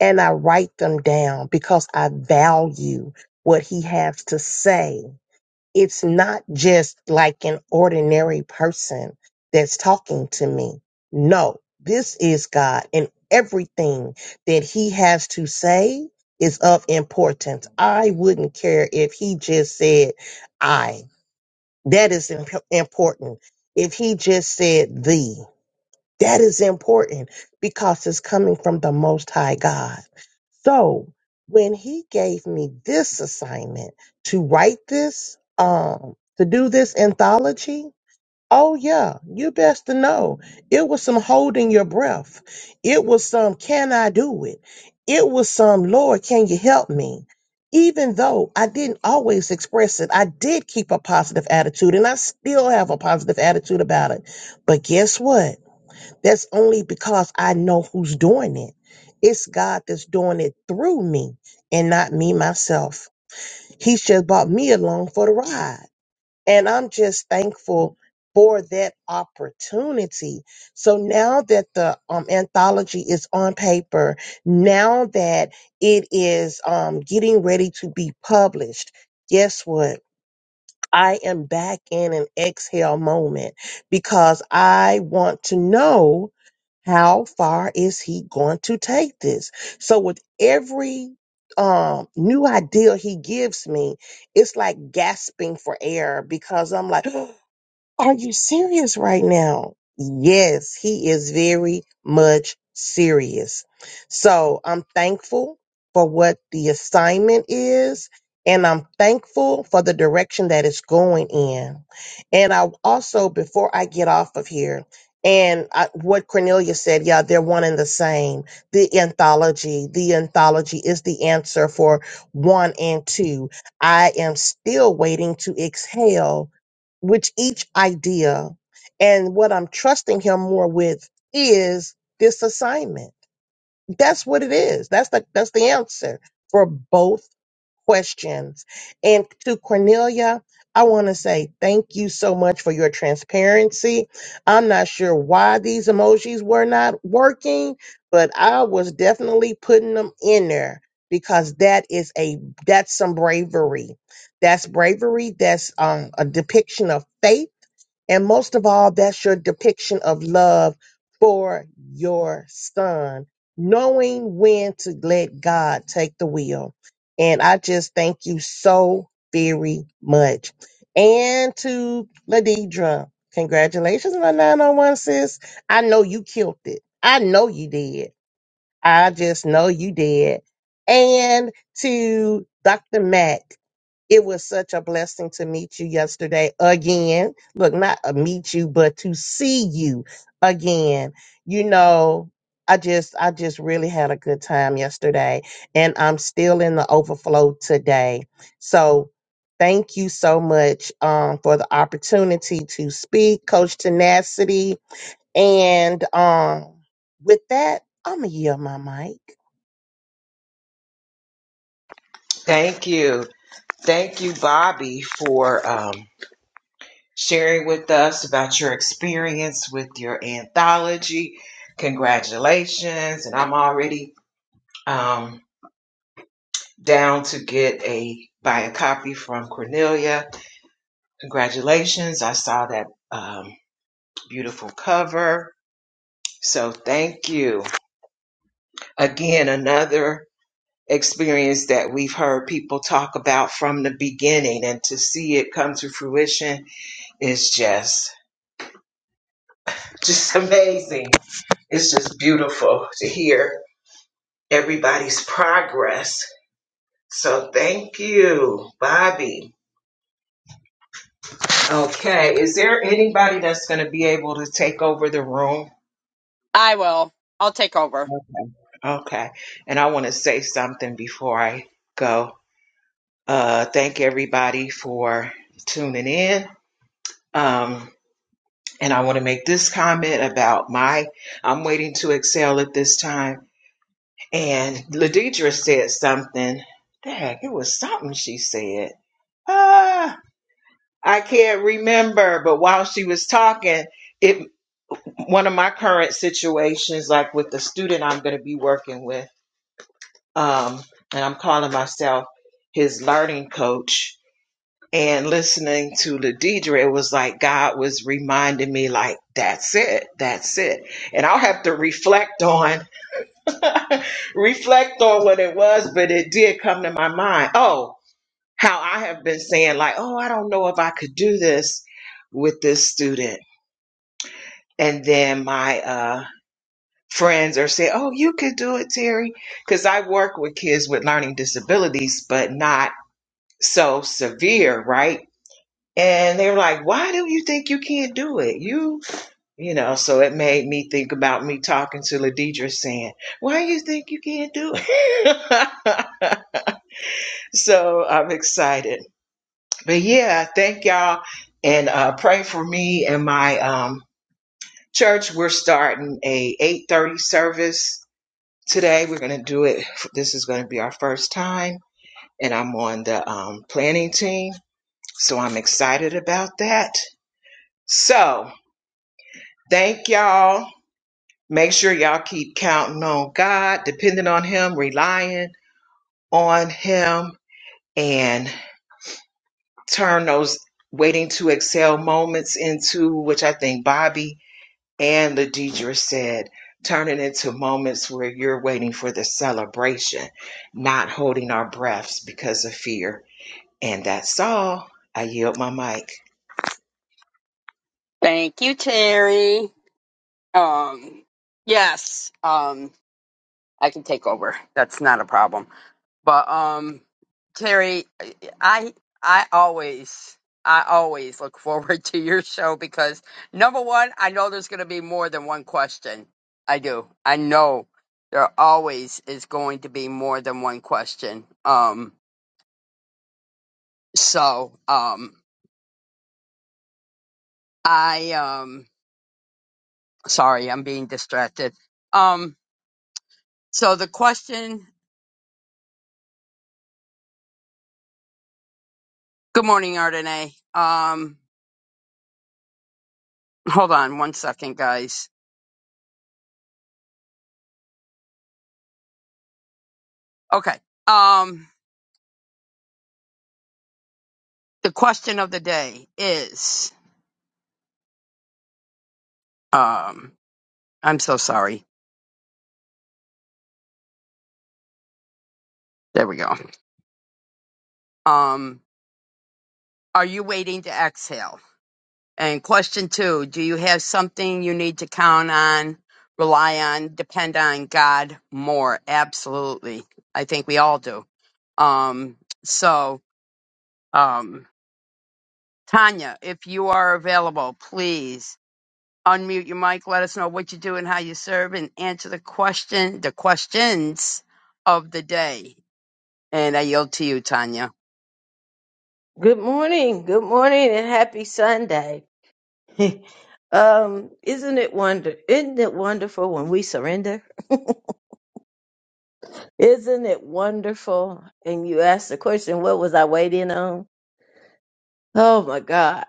Speaker 5: and I write them down because I value what he has to say it's not just like an ordinary person that's talking to me. No, this is God, and everything that He has to say is of importance. I wouldn't care if He just said, I. That is imp- important. If He just said, thee. That is important because it's coming from the Most High God. So when He gave me this assignment to write this, um, to do this anthology, oh yeah, you best to know it was some holding your breath. It was some, can I do it? It was some, Lord, can you help me? Even though I didn't always express it, I did keep a positive attitude and I still have a positive attitude about it. But guess what? That's only because I know who's doing it. It's God that's doing it through me and not me myself. He's just brought me along for the ride. And I'm just thankful for that opportunity. So now that the um, anthology is on paper, now that it is um, getting ready to be published, guess what? I am back in an exhale moment because I want to know how far is he going to take this? So with every um new idea he gives me, it's like gasping for air because I'm like (gasps) Are you serious right now? Yes, he is very much serious. So I'm thankful for what the assignment is, and I'm thankful for the direction that it's going in. And I also, before I get off of here, and I, what Cornelia said, yeah, they're one and the same. The anthology, the anthology is the answer for one and two. I am still waiting to exhale which each idea and what I'm trusting him more with is this assignment. That's what it is. That's the that's the answer for both questions. And to Cornelia, I want to say thank you so much for your transparency. I'm not sure why these emojis were not working, but I was definitely putting them in there because that is a that's some bravery. That's bravery. That's um, a depiction of faith and most of all, that's your depiction of love for your son, knowing when to let God take the wheel. And I just thank you so very much. And to Ladidra, congratulations on the 901, sis. I know you killed it. I know you did. I just know you did. And to Dr. Matt. It was such a blessing to meet you yesterday again. Look, not a meet you, but to see you again. You know, I just I just really had a good time yesterday and I'm still in the overflow today. So thank you so much um for the opportunity to speak, Coach Tenacity. And um with that, I'm gonna yield my mic.
Speaker 1: Thank you. Thank you, Bobby, for um, sharing with us about your experience with your anthology. Congratulations. And I'm already. Um, down to get a buy a copy from Cornelia. Congratulations! I saw that um, beautiful cover. So thank you again. Another experience that we've heard people talk about from the beginning, and to see it come to fruition is just just amazing. It's just beautiful to hear everybody's progress. So thank you, Bobby. Okay, is there anybody that's going to be able to take over the room?
Speaker 2: I will. I'll take over.
Speaker 1: Okay, and I want to say something before I go. Uh, thank everybody for tuning in. Um, and I want to make this comment about my I'm waiting to excel at this time. And Ladidra said something. Dang, it was something she said. Ah, I can't remember, but while she was talking, it one of my current situations, like with the student I'm going to be working with, um, and I'm calling myself his learning coach. And listening to Ladidra, it was like God was reminding me, like, that's it, that's it. And I'll have to reflect on, (laughs) reflect on what it was, but it did come to my mind. Oh, how I have been saying, like, oh, I don't know if I could do this with this student. And then my, uh, friends or say, "Oh, you could do it, Terry," because I work with kids with learning disabilities, but not so severe, right? And they're like, "Why do you think you can't do it?" You, you know. So it made me think about me talking to Ladidra, saying, "Why do you think you can't do it?" (laughs) so I'm excited, but yeah, thank y'all and uh, pray for me and my um, church. We're starting a 8:30 service Today we're going to do it. This is going to be our first time, and I'm on the um, planning team, so I'm excited about that. So thank y'all. Make sure y'all keep counting on God, depending on Him, relying on Him, and turn those waiting to excel moments into which I think Bobby and Ladidra said. Turn it into moments where you're waiting for the celebration, not holding our breaths because of fear And that's all. I yield my mic.
Speaker 2: Thank you, Terry. Um, yes. Um, I can take over. That's not a problem. But um, Terry, I I always I always look (laughs) forward to your show because number one, I know there's going to be more than one question. I do. I know there always is going to be more than one question. Um, so um, I um, sorry, I'm being distracted. Um, so the question. Good morning, Ardenae. Um, hold on one second, guys. Okay. Um, the question of the day is um i'm so sorry there we go um are you waiting to exhale and question two do you have something you need to count on rely on depend on god more absolutely i think we all do um so um tanya if you are available please unmute your mic let us know what you do and how you serve and answer the question the questions of the day And I yield to you, Tanya.
Speaker 6: Good morning. Good morning and happy Sunday. (laughs) um, isn't it wonder isn't it wonderful when we surrender? (laughs) Isn't it wonderful? And you ask the question, what was I waiting on? Oh my God.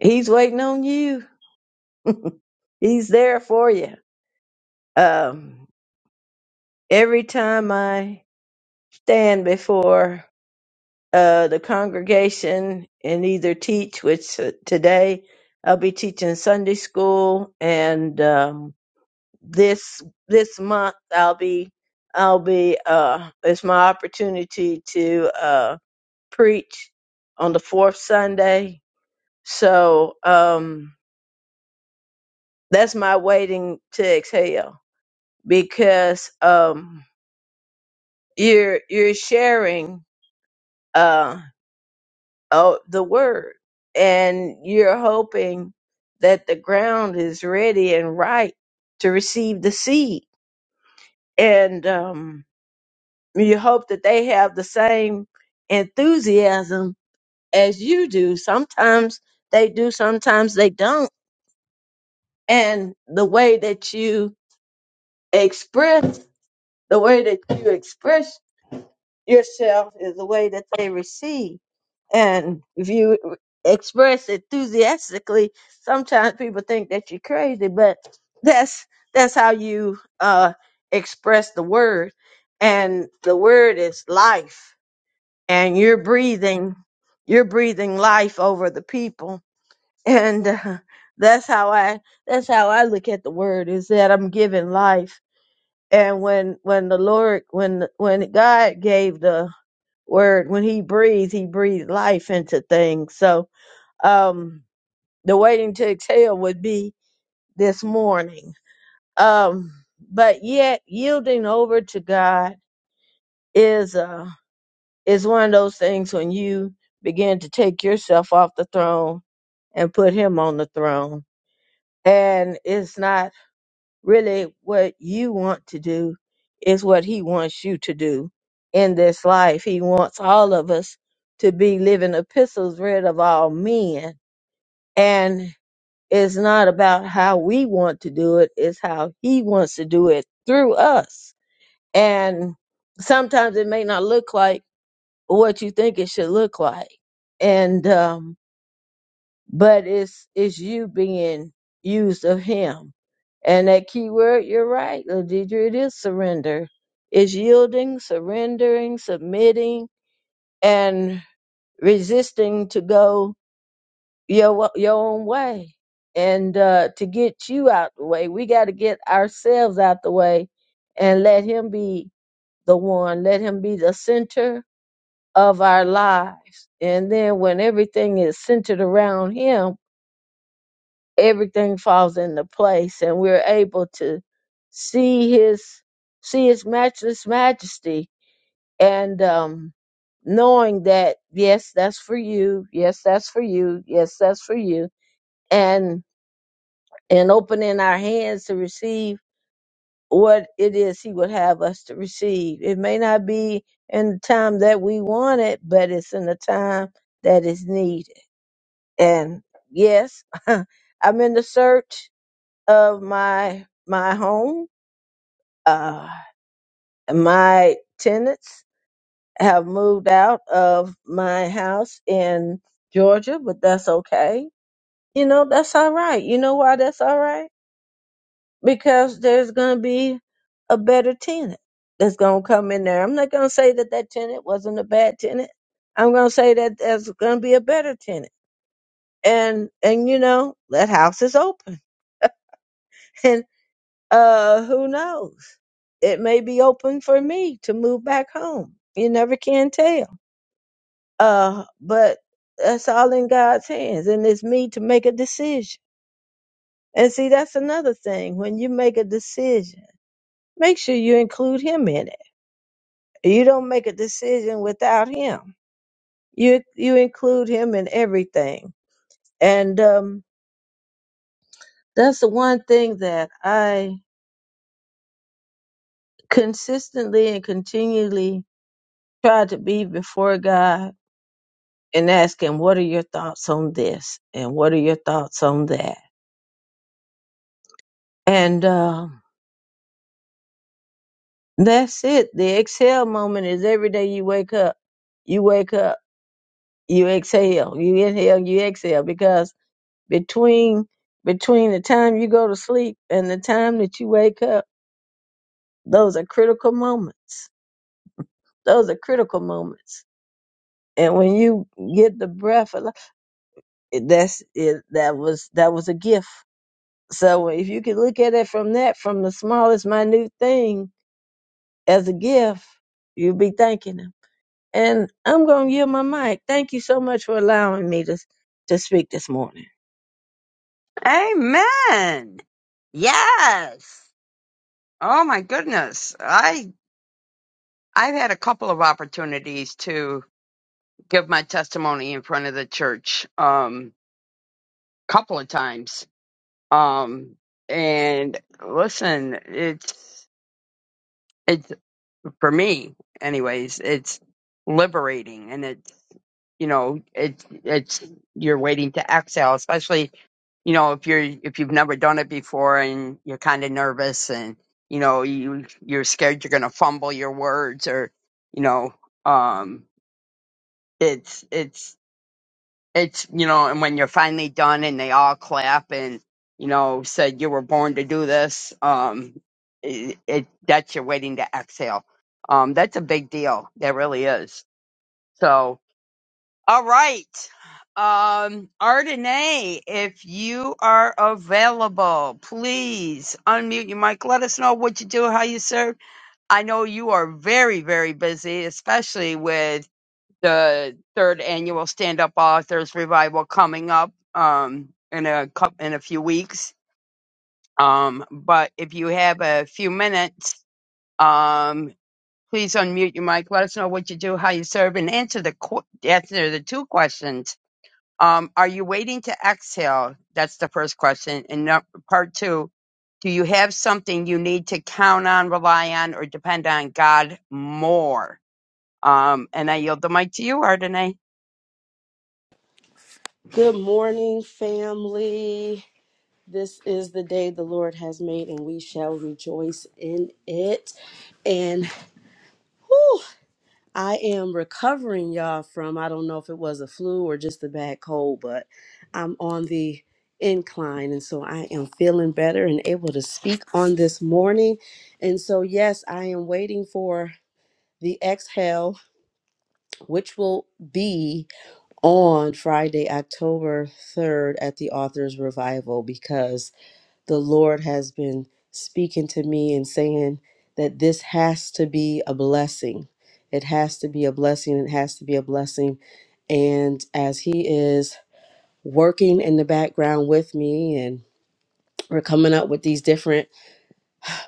Speaker 6: He's waiting on you. (laughs) He's there for you. Um, every time I stand before uh, the congregation and either teach, which uh, today I'll be teaching Sunday school and um, this this month I'll be I'll be uh it's my opportunity to uh preach on the fourth Sunday. So um that's my waiting to exhale because um you're you're sharing uh oh the word and you're hoping that the ground is ready and right to receive the seed and um you hope that they have the same enthusiasm as you do. Sometimes they do, sometimes they don't. And the way that you express, the way that you express yourself is the way that they receive. And if you express enthusiastically, sometimes people think that you're crazy, but that's that's how you uh express the word. And the word is life and you're breathing you're breathing life over the people (laughs) and uh, that's how i that's how i look at the word is that i'm giving life and when when the lord when when god gave the word when he breathed he breathed life into things so um the waiting to exhale would be this morning um but yet yielding over to god is uh It's one of those things when you begin to take yourself off the throne and put him on the throne. And it's not really what you want to do, it's what he wants you to do in this life. He wants all of us to be living epistles read of all men. And it's not about how we want to do it, it's how he wants to do it through us. And sometimes it may not look like what you think it should look like and um but it's it's you being used of him and that key word you're right Ladidra, it is surrender it's yielding surrendering submitting and resisting to go your wa- your own way and uh to get you out the way we got to get ourselves out the way and let him be the one let him be the center of our lives. And then when everything is centered around Him, everything falls into place and we're able to see His see His matchless majesty and um knowing that yes that's for you yes that's for you yes that's for you and and opening our hands to receive what it is he would have us to receive it may not be in the time that we want it but it's in the time that is needed And yes, (laughs) I'm in the search of my my home. Uh, my tenants have moved out of my house in Georgia, but that's okay. You know, that's all right. You know why that's all right? Because there's going to be a better tenant that's going to come in there. I'm not going to say that that tenant wasn't a bad tenant. I'm going to say that there's going to be a better tenant. And and you know, that house is open. (laughs) uh, who knows? It may be open for me to move back home. You never can tell. Uh, but that's all in God's hands, and it's me to make a decision. And see, that's another thing. When you make a decision, make sure you include Him in it. You don't make a decision without Him. You you include Him in everything, and um, that's the one thing that I consistently and continually try to be before God and ask him, What are your thoughts on this? And what are your thoughts on that? And uh, that's it. The exhale moment is every day you wake up, you wake up, you exhale, you inhale, you exhale, because between between the time you go to sleep and the time that you wake up, those are critical moments. Those are critical moments. And when you get the breath, of li- that's it. That was that was a gift. So if you could look at it from that, from the smallest minute thing as a gift, you'll be thanking him. And I'm going to yield my mic. Thank you so much for allowing me to, to speak this morning.
Speaker 2: Amen. Yes. Oh my goodness. I I've had a couple of opportunities to give my testimony in front of the church um couple of times. Um and listen, it's it's for me anyways, it's liberating and it's you know it's it's you're waiting to exhale especially you know if you're if you've never done it before and you're kind of nervous and you know you you're scared you're going to fumble your words or you know um it's it's it's you know and when you're finally done and they all clap and you know said you were born to do this um it, it that's your waiting to exhale um that's a big deal that really is so all right. Um, Ardenae, if you are available, please unmute your mic. Let us know what you do, how you serve. I know you are very, very busy, especially with the third annual Stand Up Authors Revival coming up um, in a cou- in a few weeks. Um, but if you have a few minutes, um, please unmute your mic. Let us know what you do, how you serve, and answer the qu- answer the two questions um, are you waiting to exhale? That's the first question. And nu- part two, do you have something you need to count on, rely on, or depend on God more? Um, and I yield the mic to you, Ardenay.
Speaker 7: Good morning, family. This is the day the Lord has made, and we shall rejoice in it. And whew, I am recovering, y'all, from I don't know if it was a flu or just a bad cold, but I'm on the incline, and so I am feeling better and able to speak on this morning. And so, yes, I am waiting for the exhale, which will be. on Friday, October 3rd at the Author's Revival because the Lord has been speaking to me and saying that this has to be a blessing. It has to be a blessing. It has to be a blessing. And as He is working in the background with me and we're coming up with these different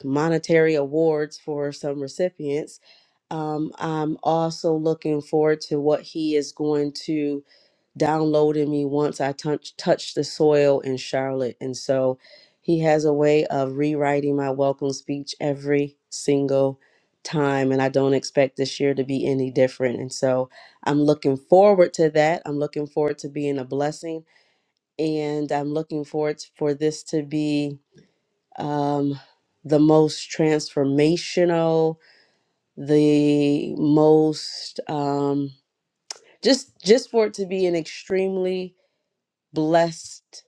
Speaker 7: monetary awards for some recipients. Um, I'm also looking forward to what he is going to downloaded me once I touch, touched the soil in Charlotte. And so he has a way of rewriting my welcome speech every single time. And I don't expect this year to be any different. And so I'm looking forward to that. I'm looking forward to being a blessing. And I'm looking forward to, for this to be um, the most transformational, the most. Um, just just for it to be an extremely blessed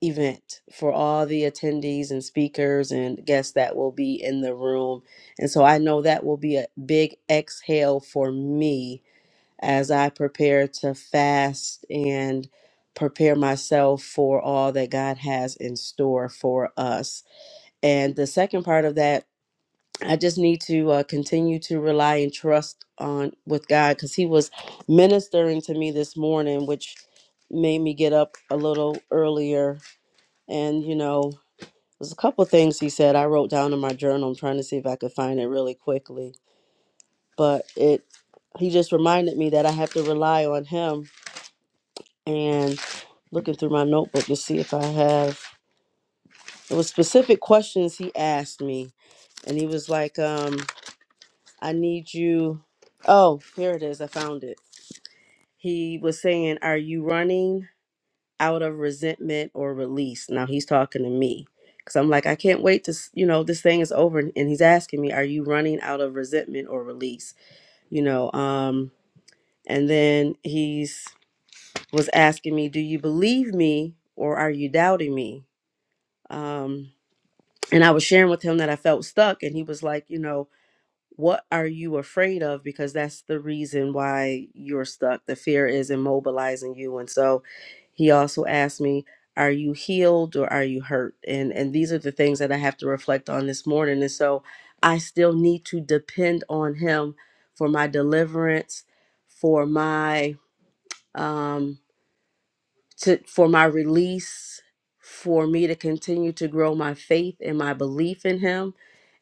Speaker 7: event for all the attendees and speakers and guests that will be in the room. And so I know that will be a big exhale for me as I prepare to fast and prepare myself for all that God has in store for us. And the second part of that, I just need to uh, continue to rely and trust on with God because He was ministering to me this morning, which made me get up a little earlier and, you know, there's a couple of things he said I wrote down in my journal. I'm trying to see if I could find it really quickly. But it he just reminded me that I have to rely on him and looking through my notebook to see if I have it was specific questions he asked me. And he was like, um, I need you oh, here it is, I found it. He was saying, Are you running? out of resentment or release. Now he's talking to me because I'm like, I can't wait to, s- you know, this thing is over. And and he's asking me, are you running out of resentment or release? You know, um, and then he's was asking me, do you believe me or are you doubting me? Um, and I was sharing with him that I felt stuck, and he was like, you know, what are you afraid of because that's the reason why you're stuck the fear is immobilizing you and so he also asked me are you healed or are you hurt and and these are the things that i have to reflect on this morning and so i still need to depend on him for my deliverance for my um to for my release for me to continue to grow my faith and my belief in him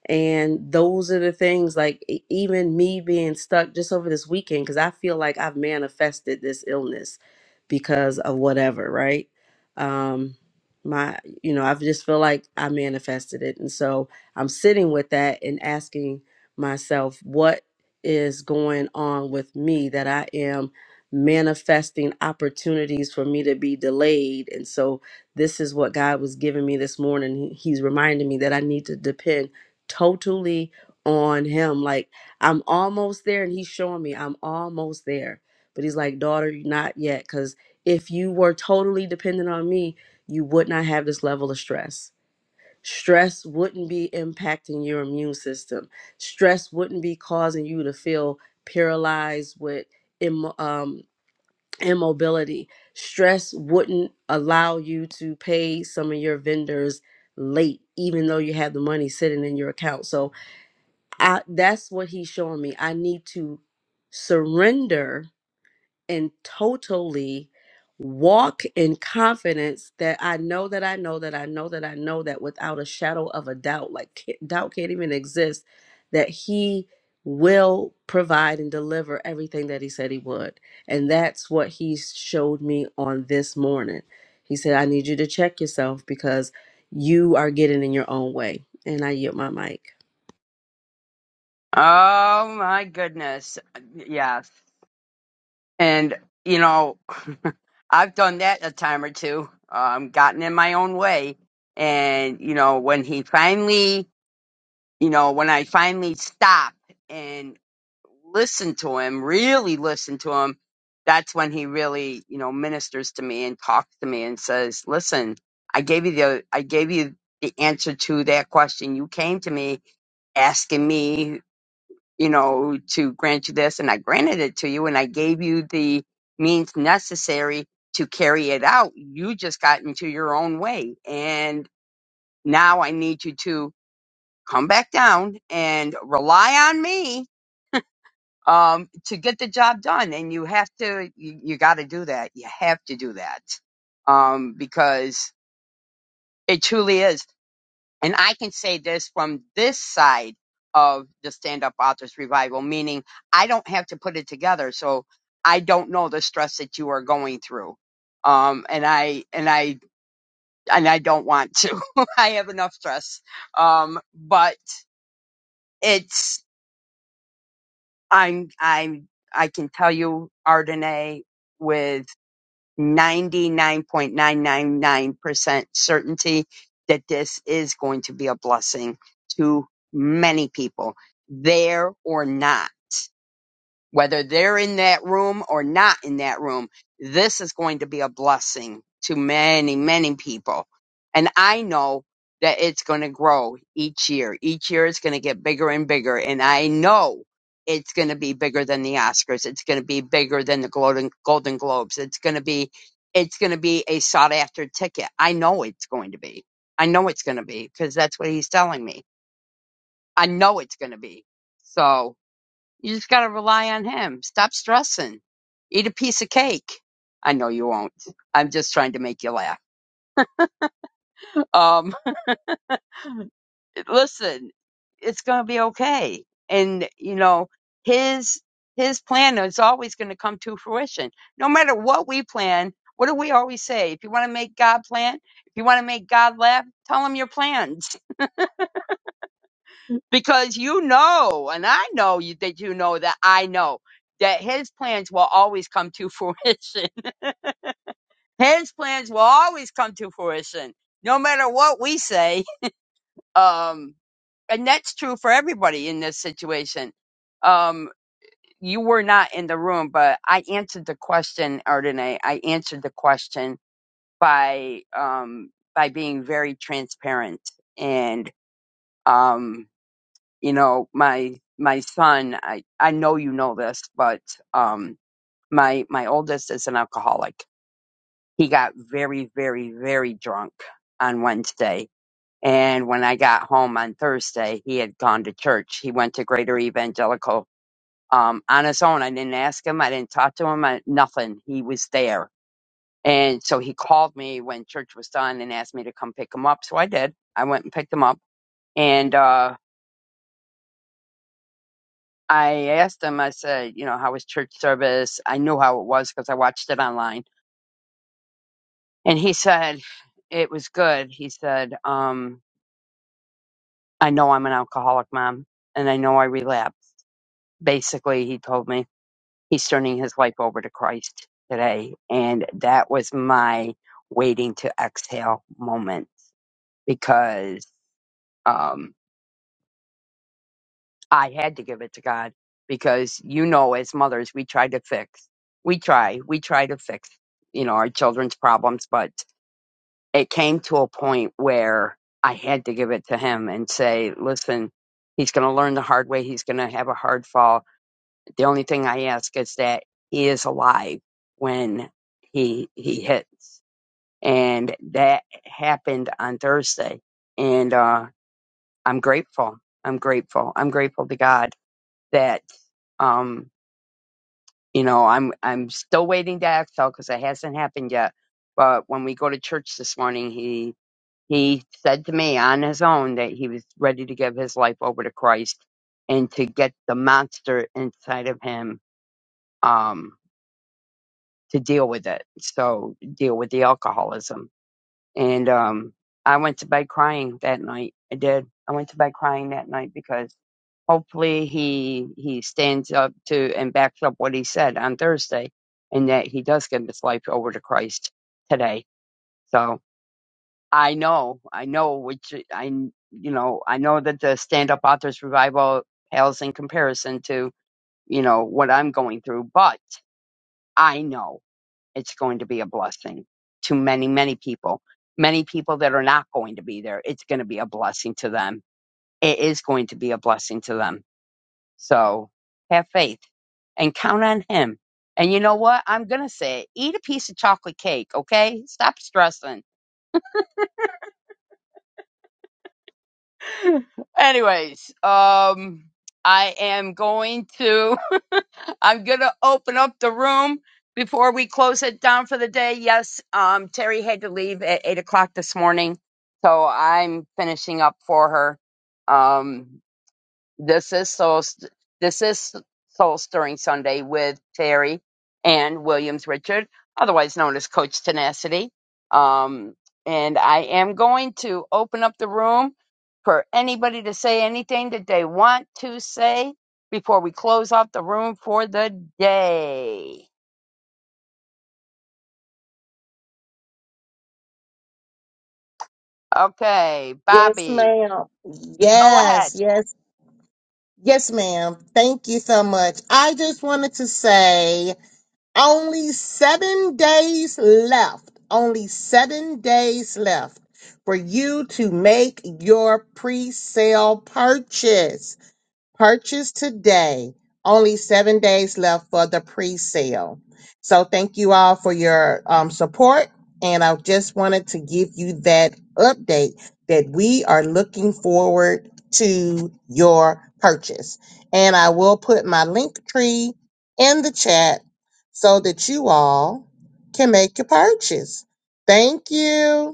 Speaker 7: and those are the things like e- even me being stuck just over this weekend, because I feel like I've manifested this illness because of whatever, right? Um, my, you know, I just feel like I manifested it. And so I'm sitting with that and asking myself, what is going on with me that I am manifesting opportunities for me to be delayed? And so this is what God was giving me this morning. He- He's reminding me that I need to depend totally on him. Like I'm almost there, and he's showing me I'm almost there. But he's like, daughter, you're not yet, because if you were totally dependent on me, you would not have this level of stress. Stress wouldn't be impacting your immune system. Stress wouldn't be causing you to feel paralyzed with immo- um, immobility. Stress wouldn't allow you to pay some of your vendors late, even though you have the money sitting in your account. So I, that's what he's showing me. I need to surrender and totally walk in confidence that I know that I know that I know that I know that without a shadow of a doubt, like ca- doubt can't even exist, that he will provide and deliver everything that he said he would. And that's what he showed me on this morning. He said, I need you to check yourself because you are getting in your own way. And I yield my mic.
Speaker 2: Oh my goodness. Yes. And you know, (laughs) I've done that a time or two, um, gotten in my own way. And, you know, when he finally you know, when I finally stopped and listened to him, really listened to him, that's when he really, you know, ministers to me and talks to me and says, "Listen, I gave you the I gave you the answer to that question. You came to me asking me, you know, to grant you this, and I granted it to you, and I gave you the means necessary to carry it out. You just got into your own way, and now I need you to." come back down and rely on me um, to get the job done. And you have to, you, you got to do that. You have to do that um, because it truly is. And I can say this from this side of the Stand Up Authors Revival, meaning I don't have to put it together. So I don't know the stress that you are going through. Um, and I, and I, and I don't want to. (laughs) I have enough stress. Um, but it's I'm I'm I can tell you Ardenae with 99.999% certainty that this is going to be a blessing to many people there or not whether they're in that room or not in that room, this is going to be a blessing to many, many people. And I know that it's going to grow each year. Each year it's going to get bigger and bigger. And I know it's going to be bigger than the Oscars. It's going to be bigger than the Golden, Golden Globes. It's going to be, it's going to be a sought after ticket. I know it's going to be. I know it's going to be because that's what he's telling me. I know it's going to be. So, you just got to rely on him. Stop stressing. Eat a piece of cake. I know you won't. I'm just trying to make you laugh. Um, (laughs) listen, it's going to be okay. And you know, his his plan is always going to come to fruition. No matter what we plan, what do we always say? If you want to make God plan, if you want to make God laugh, tell him your plans (laughs) because you know, and I know you that you know that I know that his plans will always come to fruition. (laughs) His plans will always come to fruition, no matter what we say. Um, and that's true for everybody in this situation. Um, you were not in the room, but I answered the question, Ardenay. I answered the question by um, by being very transparent, and um, you know, my my son. I I know you know this, but um, my my oldest is an alcoholic, he got very, very, very drunk on Wednesday. And when I got home on Thursday, he had gone to church. He went to Greater Evangelical um, on his own. I didn't ask him. I didn't talk to him. I, nothing. He was there. And so he called me when church was done and asked me to come pick him up. So I did. I went and picked him up. And uh, I asked him, I said, you know, how was church service? I knew how it was because I watched it online. And he said, it was good. He said, um, I know I'm an alcoholic mom and I know I relapse. Basically, he told me he's turning his life over to Christ today. And that was my waiting to exhale moment because um, I had to give it to God because you know, as mothers, we try to fix, we try, we try to fix, you know, our children's problems. But it came to a point where I had to give it to him and say, listen, he's going to learn the hard way. He's going to have a hard fall The only thing I ask is that he is alive when he he hits, and that happened on Thursday. And uh, I'm grateful. I'm grateful. I'm grateful to God that um, you know I'm I'm still waiting to exhale because it hasn't happened yet. But when we go to church this morning, he he said to me on his own that he was ready to give his life over to Christ and to get the monster inside of him Um, to deal with it. So deal with the alcoholism. And um I went to bed crying that night. I did. I went to bed crying that night because hopefully he he stands up to and backs up what he said on Thursday and that he does give his life over to Christ today. So I know, I know which I you know, I know that the stand up authors revival pales in comparison to, you know, what I'm going through, but I know it's going to be a blessing to many, many people. Many people that are not going to be there, it's going to be a blessing to them. It is going to be a blessing to them. So have faith and count on Him. And you know what? I'm going to say it. Eat a piece of chocolate cake, okay? Stop stressing. (laughs) Anyways, um, I am going to. I'm going to open up the room before we close it down for the day. Yes, um, Terry had to leave at eight o'clock this morning, so I'm finishing up for her. Um, this is soul. St- This is Soul Stirring Sunday with Terry and Williams Richard, otherwise known as Coach Tenacity. Um, and I am going to open up the room for anybody to say anything that they want to say before we close out the room for the day. Okay,
Speaker 5: Yes,
Speaker 2: Bobby,
Speaker 5: ma'am.
Speaker 2: go ahead.
Speaker 5: Yes, yes, Yes, ma'am. Thank you so much. I just wanted to say only seven days left, only seven days left for you to make your pre sale purchase. Purchase today. Only seven days left for the pre sale. So, thank you all for your um, support. And I just wanted to give you that update that we are looking forward to your purchase. And I will put my link tree in the chat so that you all can make your purchase. Thank you.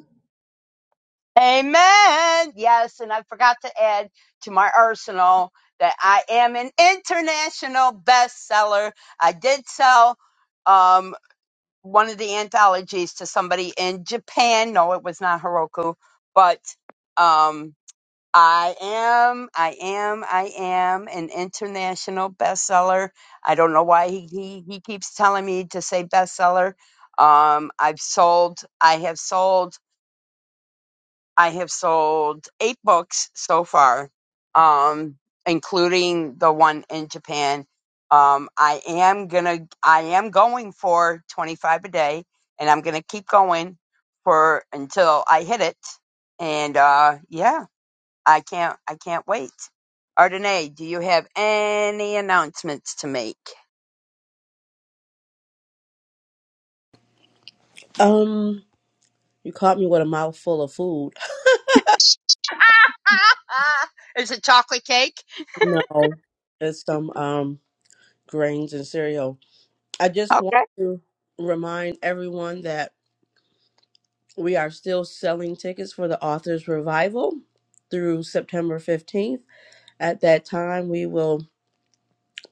Speaker 2: Amen. Yes, and I forgot to add to my arsenal that I am an international bestseller. I did sell um, one of the anthologies to somebody in Japan. No, it was not Heroku, but um, I am, I am, I am an international bestseller. I don't know why he, he, he keeps telling me to say bestseller. Um, I've sold, I have sold I have sold eight books so far, um, including the one in Japan. Um, I am gonna, I am going for 25 a day and I'm gonna keep going for until I hit it. And, uh, yeah, I can't, I can't wait. Ardenae, do you have any announcements to make?
Speaker 7: Um, You caught me with a mouthful of food.
Speaker 2: (laughs) Is it chocolate cake?
Speaker 7: No, it's some um grains and cereal. I just want
Speaker 2: Okay.
Speaker 7: to remind everyone that we are still selling tickets for the author's revival through September 15th. At that time, we will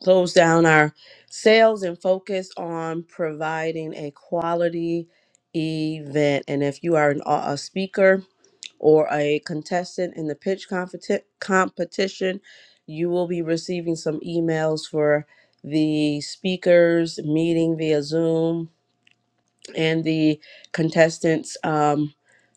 Speaker 7: close down our sales and focus on providing a quality event. And if you are an, au- a speaker, or a contestant in the pitch competi- competition, you will be receiving some emails for the speakers meeting via Zoom and the contestants um,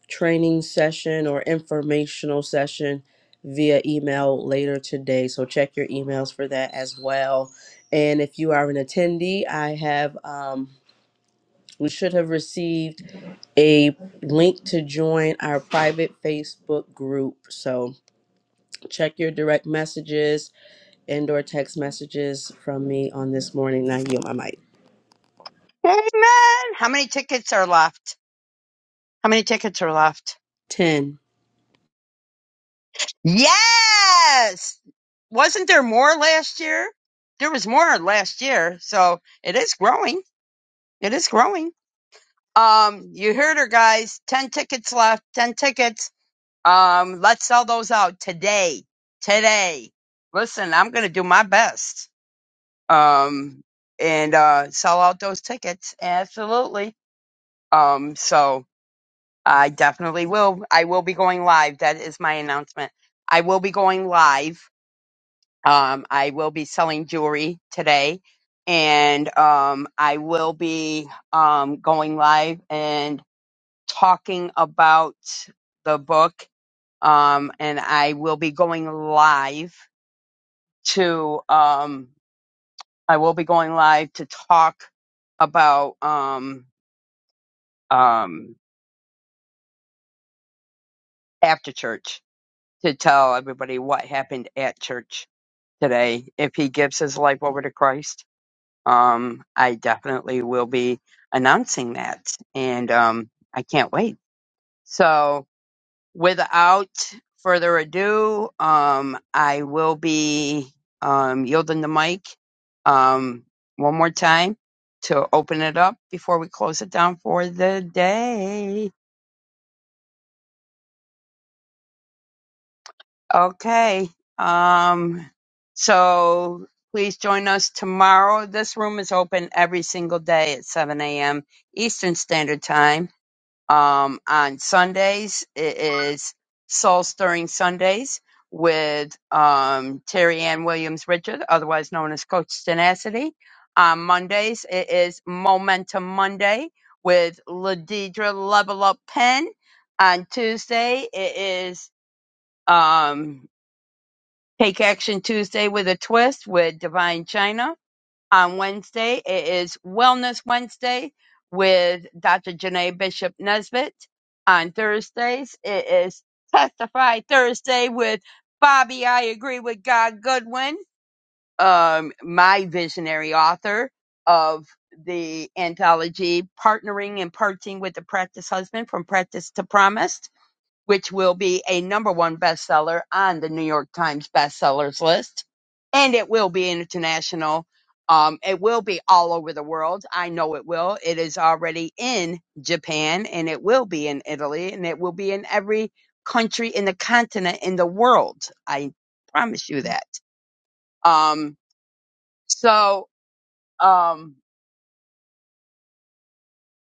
Speaker 7: training session or informational session via email later today. So check your emails for that as well. And if you are an attendee, I have um, we should have received a link to join our private Facebook group. So Check your direct messages and or text messages from me on this morning. Now you on my mic.
Speaker 2: Amen. How many tickets are left? How many tickets are left?
Speaker 7: 10.
Speaker 2: Yes. Wasn't there more last year? There was more last year, so it is growing. It is growing. Um, you heard her, guys. Ten tickets left. Ten tickets. Um, let's sell those out today. Today. Listen, I'm gonna do my best. Um, and uh, sell out those tickets. Absolutely. Um, so I definitely will. I will be going live. That is my announcement. I will be going live Um, I will be selling jewelry today, and um, I will be um, going live and talking about the book. Um, and I will be going live to um, I will be going live to talk about um, um, after church to tell everybody what happened at church today if he gives his life over to Christ. um, I definitely will be announcing that, and um, I can't wait. So, without further ado, um, I will be um, yielding the mic um, one more time to open it up before we close it down for the day. Okay. Um, so. Please join us tomorrow. This room is open every single day at 7 a.m. Eastern Standard Time Um, on Sundays, it is Soul Stirring Sundays with um, Terry Ann Williams Richard, otherwise known as Coach Tenacity. On Mondays, it is Momentum Monday with Ladidra Level Up Pen. On Tuesday, it is um, Take Action Tuesday with a Twist with Divine China on Wednesday. It is Wellness Wednesday with Dr. Janae Bishop Nesbitt. On Thursdays, it is Testify Thursday with Bobby I Agree with God Goodwin, um, my visionary author of the anthology Partnering and Parting with the Practice Husband from Practice to Promise which will be a number one bestseller on the New York Times bestsellers list. And it will be international. Um, it will be all over the world. I know it will. It is already in Japan and it will be in Italy and it will be in every country in the continent in the world. I promise you that. Um, so, um,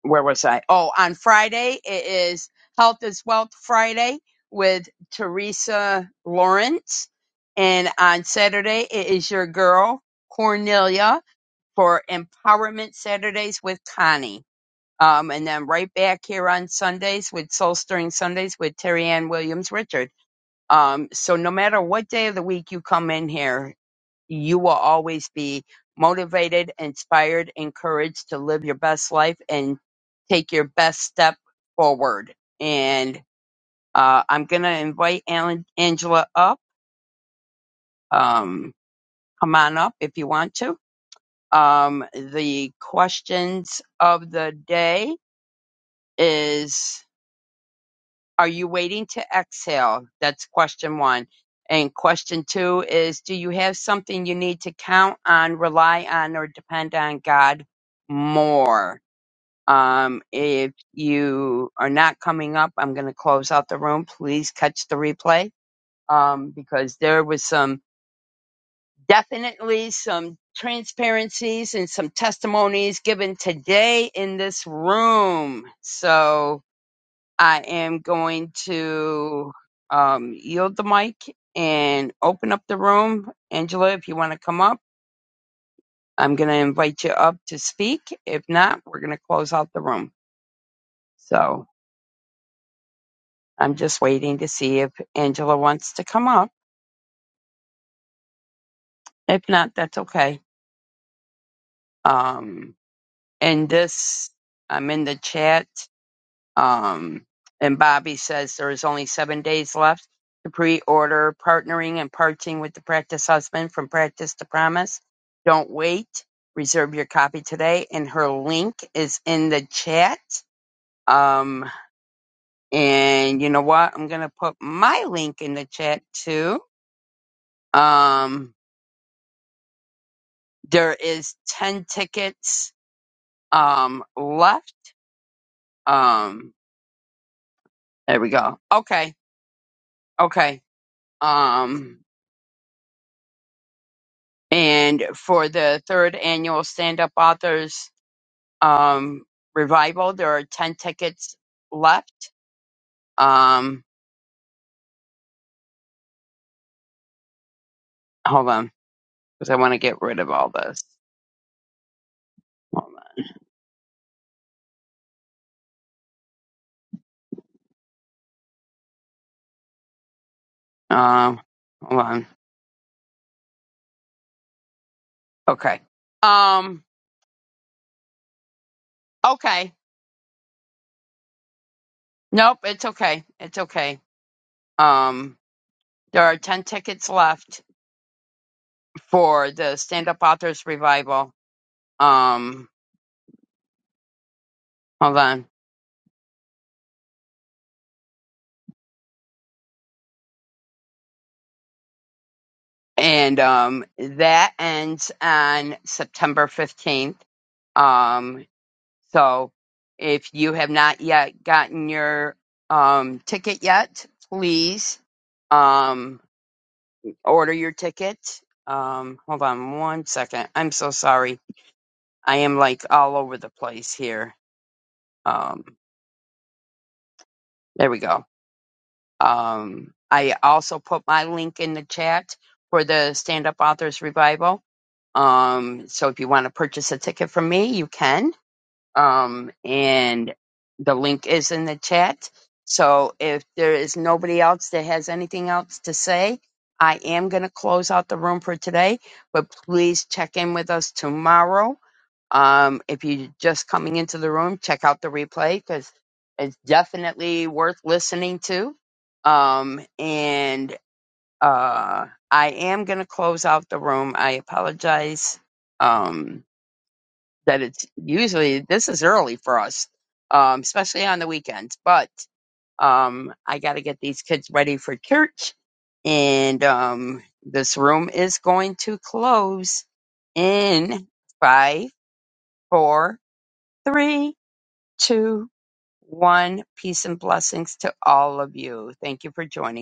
Speaker 2: where was I? Oh, on Friday it is Health is Wealth Friday with Teresa Lawrence. And on Saturday it is your girl Cornelia for Empowerment Saturdays with Connie. Um, and then right back here on Sundays with Soul Stirring Sundays with Terry Ann Williams Richard. Um, so no matter what day of the week you come in here, you will always be motivated, inspired, encouraged to live your best life and take your best step forward. And uh, I'm going to invite Alan, Angela up. Um, come on up if you want to. Um, the questions of the day is Are you waiting to exhale? That's question one. And question two is Do you have something you need to count on, rely on, or depend on God more? Um, if you are not coming up, I'm going to close out the room. Please catch the replay um, because there was some definitely some transparencies and some testimonies given today in this room. So, I am going to um, yield the mic and open up the room. Angela, if you want to come up, I'm going to invite you up to speak. If not, we're going to close out the room. So I'm just waiting to see if Angela wants to come up. If not, that's okay. Um, and this, I'm in the chat. Um, and Bobby says there is only seven days left to pre-order partnering and parting with the practice husband from practice to promise. Don't wait. Reserve your copy today. And her link is in the chat. Um, and you know what? I'm going to put my link in the chat too. Um, there is 10 tickets, um, left. Um, there we go. Okay. Okay. Um, And for the third annual Stand Up Authors um, Revival, there are 10 tickets left. Um, hold on, because I want to get rid of all this. Hold on. Um, hold on. Okay. Um, okay. Nope, it's okay. It's okay. Um, there are 10 tickets left for the Stand Up Authors Revival. Um, hold on. and um, that ends on September 15th. Um, so if you have not yet gotten your um, ticket yet, please um, order your ticket. Um, hold on one second. I'm so sorry. I am like all over the place here. Um, there we go. Um, I also put my link in the chat for the Stand Up Authors Revival Um, so if you want to purchase a ticket from me, you can. Um, and the link is in the chat. So if there is nobody else that has anything else to say, I am going to close out the room for today, but please check in with us tomorrow. Um, if you're just coming into the room, check out the replay because it's definitely worth listening to. Um, and uh, I am going to close out the room. I apologize um, that it's usually this is early for us, um, especially on the weekends. But um, I got to get these kids ready for church, and um, this room is going to close in five, four, three, two, one. Peace and blessings to all of you. Thank you for joining.